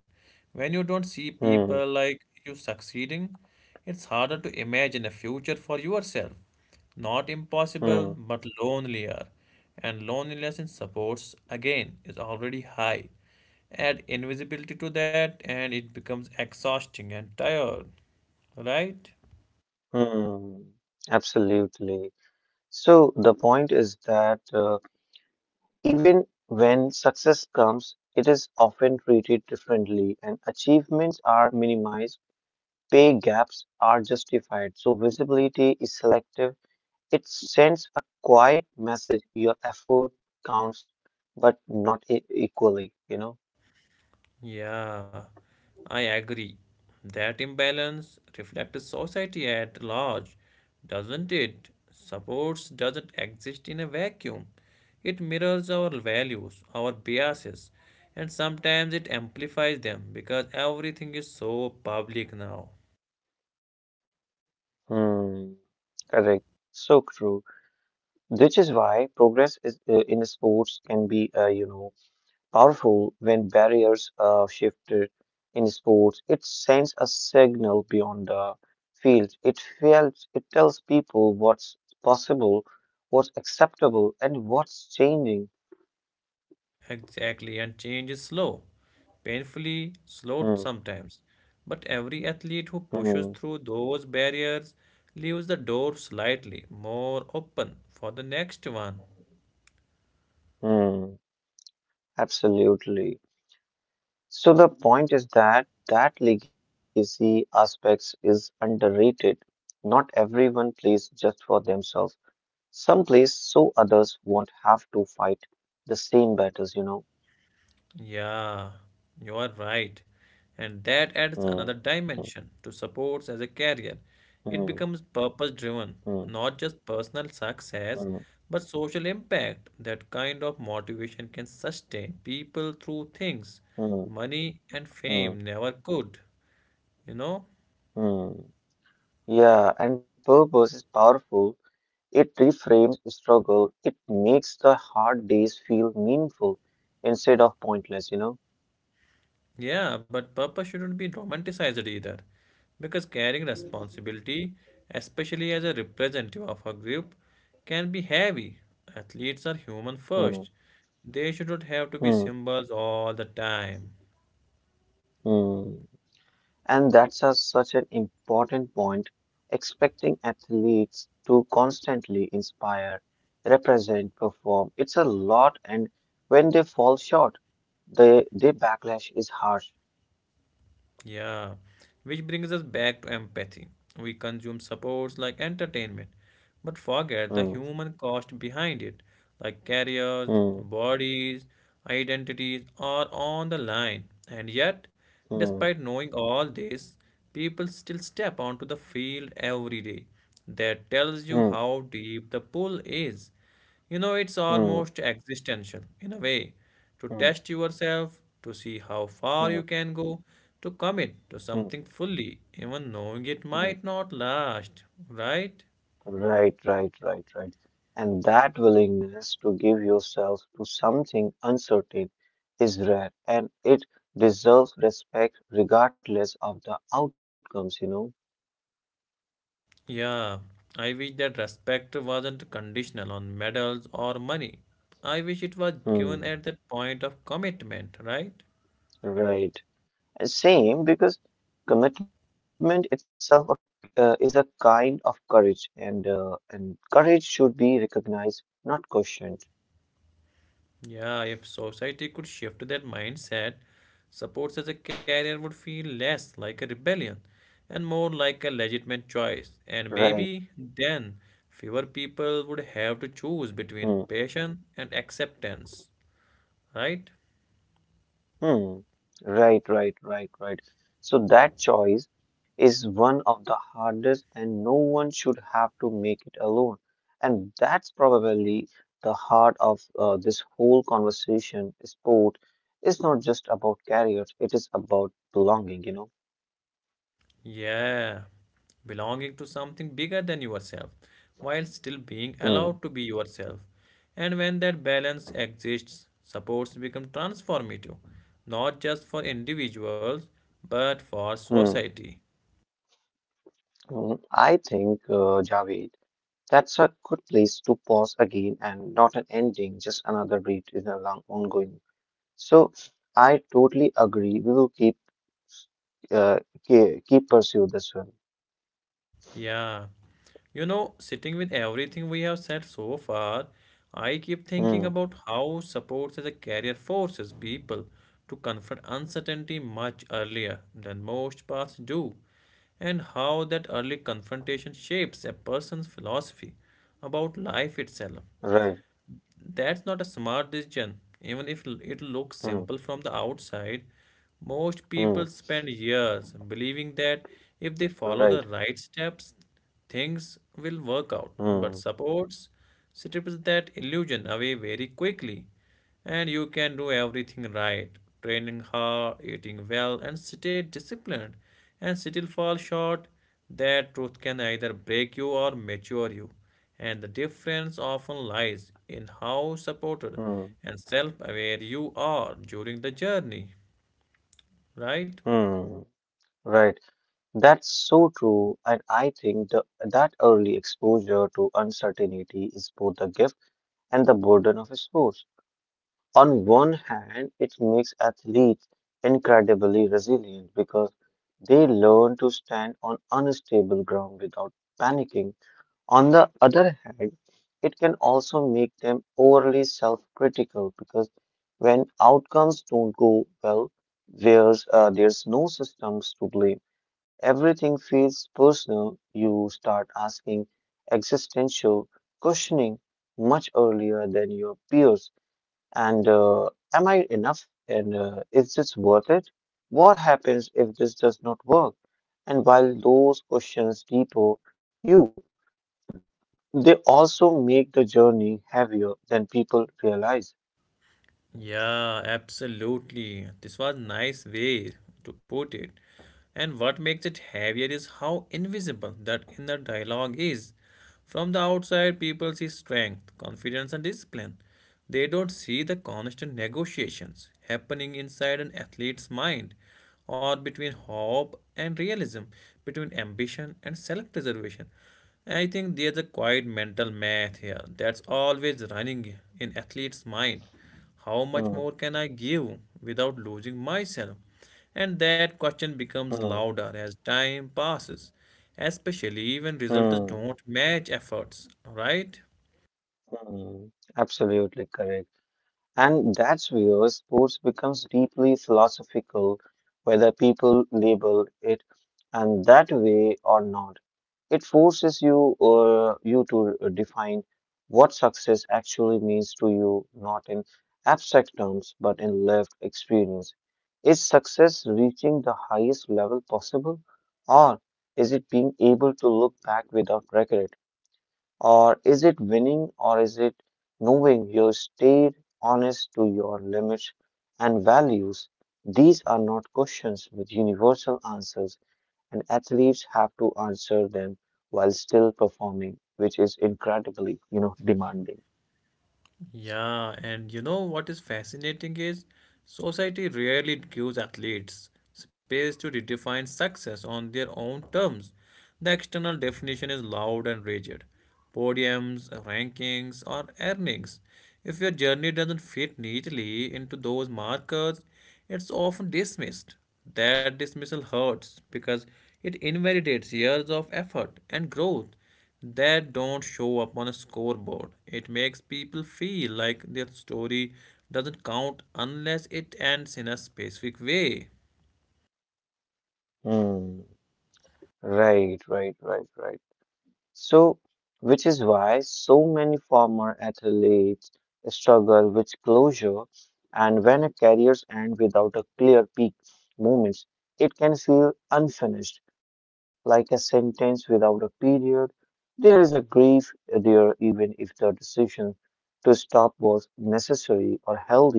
Speaker 1: When you don't see people
Speaker 2: Hmm,
Speaker 1: like you succeeding, it's harder to imagine a future for yourself. Not impossible,
Speaker 2: hmm,
Speaker 1: but lonelier. And loneliness in supports, again, is already high. Add invisibility to that, and it becomes exhausting and tired, right?
Speaker 2: hmm. Absolutely. So the point is that Even when success comes, it is often treated differently and achievements are minimized, pay gaps are justified. So visibility is selective. It sends a quiet message your effort counts, but not equally, you know?
Speaker 1: Yeah, I agree. That imbalance reflects society at large, doesn't it? Supports doesn't exist in a vacuum. It mirrors our values, our biases, and sometimes it amplifies them because everything is so public now.
Speaker 2: Hmm, correct. So true. Which is why progress is, in sports can be, powerful when barriers are shifted in sports. It sends a signal beyond the field. It feels, it tells people what's possible, what's acceptable, and what's changing.
Speaker 1: Exactly, and change is slow, painfully slow
Speaker 2: Hmm,
Speaker 1: sometimes. But every athlete who pushes
Speaker 2: hmm,
Speaker 1: through those barriers leaves the door slightly more open for the next one.
Speaker 2: hmm. Absolutely. So the point is that that legacy aspects is underrated. Not everyone plays just for themselves. Some plays so others won't have to fight the same battles, you know.
Speaker 1: Yeah, you are right. And that adds another
Speaker 2: Hmm.
Speaker 1: dimension to sports as a career.
Speaker 2: Hmm,
Speaker 1: It becomes purpose
Speaker 2: hmm,
Speaker 1: driven, not just personal
Speaker 2: hmm,
Speaker 1: success, but social impact. That kind of motivation can sustain people through things
Speaker 2: hmm,
Speaker 1: money and fame
Speaker 2: hmm,
Speaker 1: never could, you know?
Speaker 2: hmm. Yeah, and purpose is powerful. It reframes struggle. It makes the hard days feel meaningful instead of pointless, you know?
Speaker 1: Yeah, but purpose shouldn't be romanticized either. Because carrying responsibility, especially as a representative of a group, can be heavy. Athletes are human
Speaker 2: Hmm,
Speaker 1: first. They should not have to be
Speaker 2: hmm,
Speaker 1: symbols all the time.
Speaker 2: hmm. And that's a, such an important point. Expecting athletes to constantly inspire, represent, perform, it's a lot, and when they fall short, the backlash is harsh.
Speaker 1: Yeah, which brings us back to empathy. We consume supports like entertainment, but forget the
Speaker 2: Hmm,
Speaker 1: human cost behind it, like careers,
Speaker 2: hmm,
Speaker 1: bodies, identities are on the line. And yet,
Speaker 2: hmm.
Speaker 1: despite knowing all this, people still step onto the field every day. That tells you
Speaker 2: Mm,
Speaker 1: how deep the pull is. You know, it's
Speaker 2: mm,
Speaker 1: almost existential in a way to
Speaker 2: mm,
Speaker 1: test yourself, to see how far
Speaker 2: mm,
Speaker 1: you can go, to commit to
Speaker 2: mm,
Speaker 1: something fully, even knowing it
Speaker 2: mm.
Speaker 1: might not last, right?
Speaker 2: Right, right, right, right. And that willingness to give yourself to something uncertain is rare and it deserves respect regardless of the outcomes.
Speaker 1: Yeah, I wish that respect wasn't conditional on medals or money. I wish it was given
Speaker 2: Hmm,
Speaker 1: at that point of commitment, right?
Speaker 2: right. And same because commitment itself is a kind of courage and courage should be recognized, not questioned.
Speaker 1: Yeah, if society could shift that mindset, support as a career would feel less like a rebellion and more like a legitimate
Speaker 2: Right.
Speaker 1: choice. And maybe then fewer people would have to
Speaker 2: Hmm.
Speaker 1: choose between passion and acceptance, right?
Speaker 2: Hmm. Right, right, right, right. So that choice is one of the hardest, and no one should have to make it alone. And that's probably the heart of this whole conversation. Sport is not just about careers, it is about belonging.
Speaker 1: Yeah, belonging to something bigger than yourself while still being allowed to be
Speaker 2: Hmm.
Speaker 1: yourself. And when that balance exists, supports become transformative, not just for individuals but for
Speaker 2: Hmm.
Speaker 1: society.
Speaker 2: Hmm. I think, Javed, that's a good place to pause again and not an ending, just another breath in a long ongoing. So I totally agree. We will keep uh, keep pursue this one.
Speaker 1: Yeah. You know, sitting with everything we have said so far, I keep thinking
Speaker 2: Hmm.
Speaker 1: about how sports as a career forces people to confront uncertainty much earlier than most paths do, and how that early confrontation shapes a person's philosophy about life itself.
Speaker 2: Right.
Speaker 1: That's not a smart decision. Even if it looks
Speaker 2: Hmm.
Speaker 1: simple from the outside, most
Speaker 2: Hmm.
Speaker 1: people spend years believing that if they
Speaker 2: Right.
Speaker 1: follow the right steps, things will work
Speaker 2: Hmm.
Speaker 1: out. But supports strips that illusion away very quickly. And you can do everything right, training hard, eating well, and stay disciplined, and still fall short. That truth can either break you or mature you. And the difference often lies in how supported
Speaker 2: Hmm.
Speaker 1: and self aware you are during the journey, right?
Speaker 2: Hmm. Right. That's so true, and I think that early exposure to uncertainty is both a gift and the burden of sports. On one hand, it makes athletes incredibly resilient because they learn to stand on unstable ground without panicking. On the other hand, it can also make them overly self critical because when outcomes don't go well, there's no systems to blame. Everything feels personal. You start asking existential questioning much earlier than your peers. And am I enough? And is this worth it? What happens if this does not work? And while those questions deeper, you they also make the journey heavier than people realize.
Speaker 1: Yeah, absolutely. This was nice way to put it. And what makes it heavier is how invisible that inner dialogue is. From the outside, people see strength, confidence, and discipline. They don't see the constant negotiations happening inside an athlete's mind, or between hope and realism, between ambition and self preservation. I think there's a quiet mental math here that's always running in athletes' mind.
Speaker 2: Hmm,
Speaker 1: How much more can I give without losing myself? And that question becomes
Speaker 2: hmm,
Speaker 1: louder as time passes, especially when
Speaker 2: hmm,
Speaker 1: results don't match efforts, right?
Speaker 2: hmm. Absolutely correct. And that's where sports becomes deeply philosophical, whether people label it and that way or not. It forces you to define what success actually means to you, not in abstract terms, but in lived experience. Is success reaching the highest level possible? Or is it being able to look back without regret? Or is it winning? Or is it knowing you stayed honest to your limits and values? These are not questions with universal answers, and athletes have to answer them while still performing, which is incredibly demanding.
Speaker 1: Yeah, and you know what is fascinating is society rarely gives athletes space to redefine success on their own terms. The external definition is loud and rigid, podiums, rankings, or earnings. If your journey doesn't fit neatly into those markers, it's often dismissed. That dismissal hurts because it invalidates years of effort and growth that don't show up on a scoreboard. It makes people feel like their story doesn't count unless it ends in a specific way.
Speaker 2: Hmm. Right, right, right, right. So, which is why so many former athletes struggle with closure, and when a careers end without a clear peak moments, it can feel unfinished, like a sentence without a period. There is a grief there, even if the decision to stop was necessary or healthy,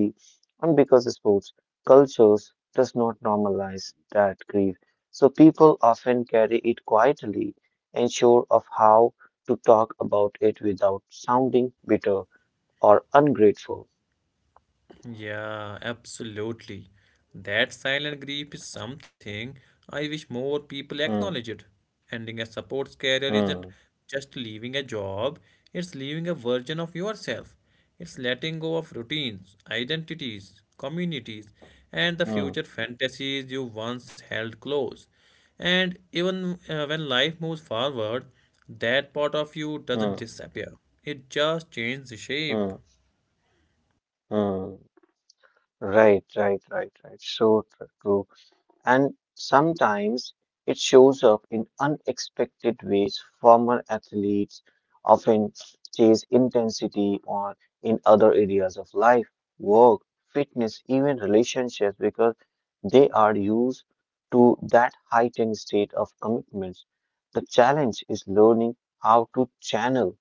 Speaker 2: and because sports cultures does not normalize that grief. So people often carry it quietly, unsure of how to talk about it without sounding bitter or ungrateful.
Speaker 1: Yeah, absolutely. That silent grief is something I wish more people
Speaker 2: Hmm,
Speaker 1: acknowledged. Ending a supports career
Speaker 2: hmm,
Speaker 1: isn't just leaving a job, it's leaving a version of yourself. It's letting go of routines, identities, communities, and the
Speaker 2: hmm,
Speaker 1: future fantasies you once held close. And even when life moves forward, that part of you
Speaker 2: hmm,
Speaker 1: doesn't disappear, it just changes
Speaker 2: hmm,
Speaker 1: shape.
Speaker 2: hmm. Right, right, right, right. So true. And sometimes it shows up in unexpected ways. Former athletes often chase intensity or in other areas of life, work, fitness, even relationships because they are used to that heightened state of commitment. The challenge is learning how to channel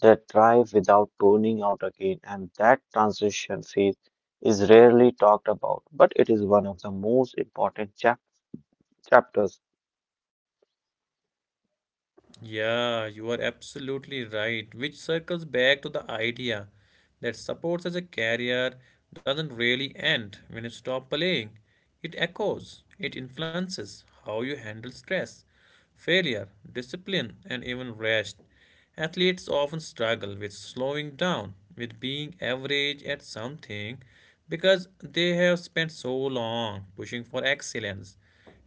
Speaker 2: that drive without burning out again, and that transition phase is rarely talked about, but it is one of the most important chapters.
Speaker 1: Yeah, you are absolutely right, which circles back to the idea that sports as a career doesn't really end when you stop playing. It echoes, it influences how you handle stress, failure, discipline, and even rest. Athletes often struggle with slowing down, with being average at something, because they have spent so long pushing for excellence.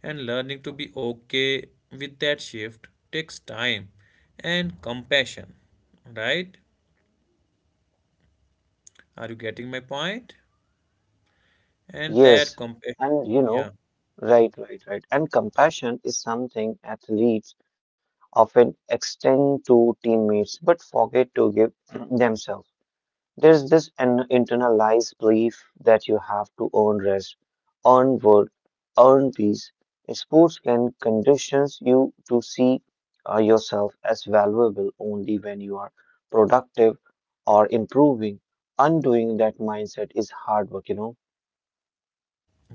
Speaker 1: And learning to be okay with that shift takes time and compassion. Right? Are you getting my point? And that
Speaker 2: Yes,
Speaker 1: compassion,
Speaker 2: and you know,
Speaker 1: yeah.
Speaker 2: right, right, right. And compassion is something athletes often extend to teammates but forget to give [CLEARS THROAT] themselves. There's this an internalized belief that you have to earn rest, earn work, earn peace. Sports can condition you to see yourself as valuable only when you are productive or improving. Undoing that mindset is hard work.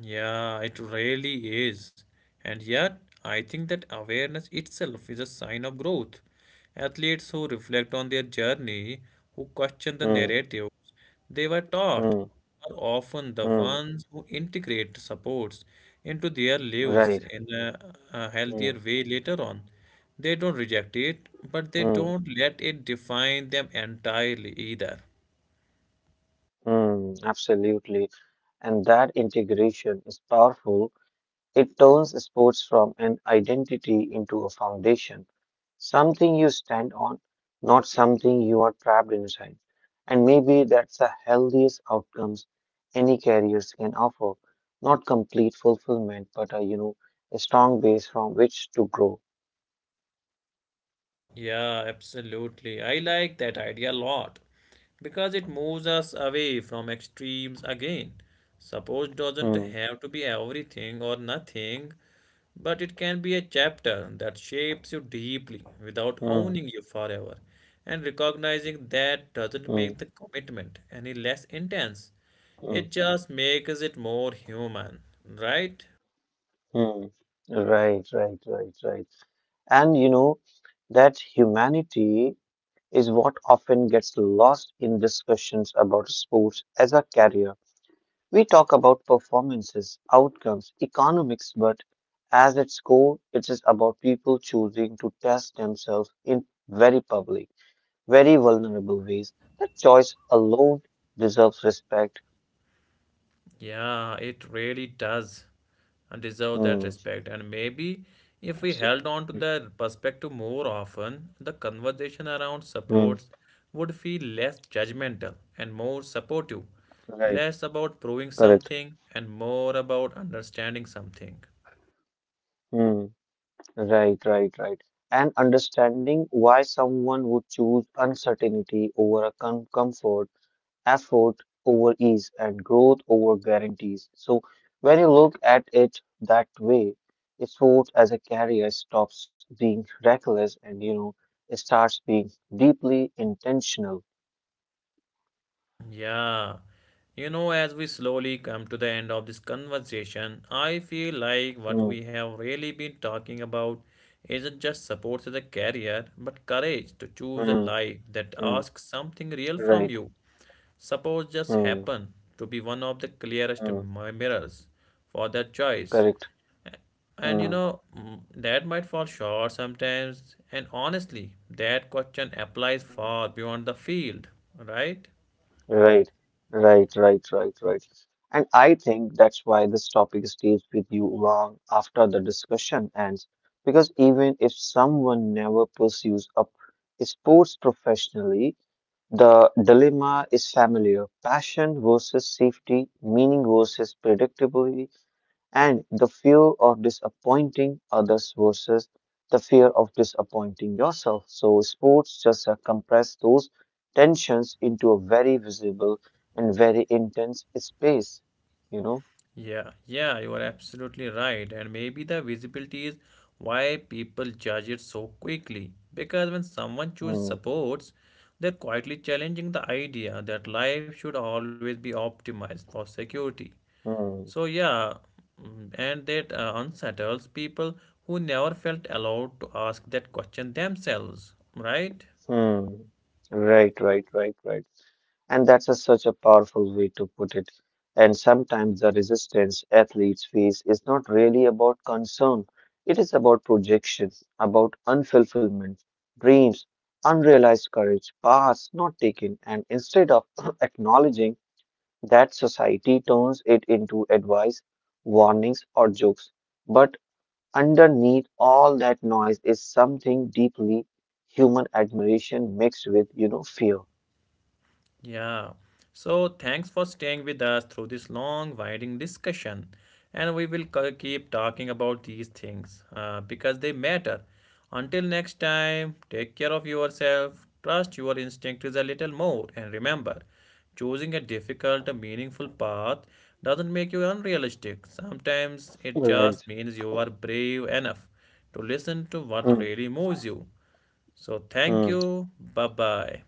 Speaker 1: Yeah, it really is. And yet, I think that awareness itself is a sign of growth. Athletes who reflect on their journey, who question the
Speaker 2: Hmm.
Speaker 1: narrative they were taught,
Speaker 2: Hmm.
Speaker 1: are often the
Speaker 2: Hmm.
Speaker 1: ones who integrate supports into their lives
Speaker 2: Right.
Speaker 1: in a healthier
Speaker 2: Hmm.
Speaker 1: way later on. They don't reject it,
Speaker 2: Hmm.
Speaker 1: but they don't let it define them entirely either.
Speaker 2: Hmm. Absolutely. And that integration is powerful. It turns sports from an identity into a foundation, something you stand on, not something you are trapped inside. And maybe that's the healthiest outcomes any careers can offer. Not complete fulfillment, but a strong base from which to grow.
Speaker 1: Yeah, absolutely. I like that idea a lot because it moves us away from extremes again. Support doesn't
Speaker 2: Hmm,
Speaker 1: have to be everything or nothing, but it can be a chapter that shapes you deeply
Speaker 2: hmm,
Speaker 1: without owning you forever. And recognizing
Speaker 2: hmm,
Speaker 1: that doesn't make the commitment any less intense,
Speaker 2: hmm,
Speaker 1: it just makes it more human, right?
Speaker 2: hmm. Right, right, right, right. And you know, that humanity is what often gets lost in discussions about sports as a career. We talk about performances, outcomes, economics, but as its core, it is about people choosing to test themselves in very public, very vulnerable ways. That choice alone deserves respect.
Speaker 1: Yeah, it really does deserve that
Speaker 2: Hmm.
Speaker 1: respect. And maybe if we held on to
Speaker 2: Absolutely.
Speaker 1: that perspective more often, the conversation around
Speaker 2: Hmm.
Speaker 1: supports would feel less judgmental and more supportive,
Speaker 2: Right.
Speaker 1: less about proving
Speaker 2: Correct.
Speaker 1: something and more about understanding something.
Speaker 2: Hmm. Right. Right. Right. And understanding why someone would choose uncertainty over a comfort, effort over ease and growth over guarantees. So when you look at it that way, sport as a career stops being reckless and you know it starts being deeply intentional.
Speaker 1: Yeah. You know, as we slowly come to the end of this conversation, I feel like what we
Speaker 2: Hmm,
Speaker 1: have really been talking about isn't just support as a career, but courage to choose a
Speaker 2: hmm,
Speaker 1: life that
Speaker 2: hmm,
Speaker 1: asks something real from you.
Speaker 2: right.
Speaker 1: Support just
Speaker 2: Hmm,
Speaker 1: happened to be one of the clearest
Speaker 2: hmm,
Speaker 1: mirrors for that choice.
Speaker 2: correct.
Speaker 1: And you
Speaker 2: Hmm,
Speaker 1: know, that might fall short sometimes. And honestly, that question applies
Speaker 2: hmm.
Speaker 1: far beyond the field, right?
Speaker 2: Right, right, right, right, right. And I think that's why this topic stays with you long after the discussion ends. Because even if someone never pursues a sports professionally, the dilemma is familiar. Passion versus safety, meaning versus predictability, and the fear of disappointing others versus the fear of disappointing yourself. So, sports just compress those tensions into a very visible and very intense space, you know.
Speaker 1: Yeah, yeah, you are absolutely right. And maybe the visibility is why people judge it so quickly. Because when someone chooses
Speaker 2: Hmm,
Speaker 1: supports, they're quietly challenging the idea that life should always be optimized for security. So,
Speaker 2: hmm,
Speaker 1: yeah, and that unsettles people who never felt allowed to ask that question themselves, right?
Speaker 2: hmm. Right, right, right, right. And such a powerful way to put it. And sometimes the resistance athletes face is not really about concern, it is about projection, about unfulfillment, dreams, unrealized courage, paths not taken. And instead of [CLEARS THROAT] acknowledging that, society turns it into advice, warnings, or jokes. But underneath all that noise is something deeply human admiration mixed with fear.
Speaker 1: Yeah. So thanks for staying with us through this long, winding discussion. And we will keep talking about these things because they matter. Until next time, take care of yourself, trust your instincts a little more, and remember, choosing a difficult, meaningful path doesn't make you unrealistic. Sometimes it
Speaker 2: Right.
Speaker 1: just means you are brave enough to listen to what
Speaker 2: Hmm.
Speaker 1: really moves you. So thank
Speaker 2: Hmm.
Speaker 1: you. Bye bye.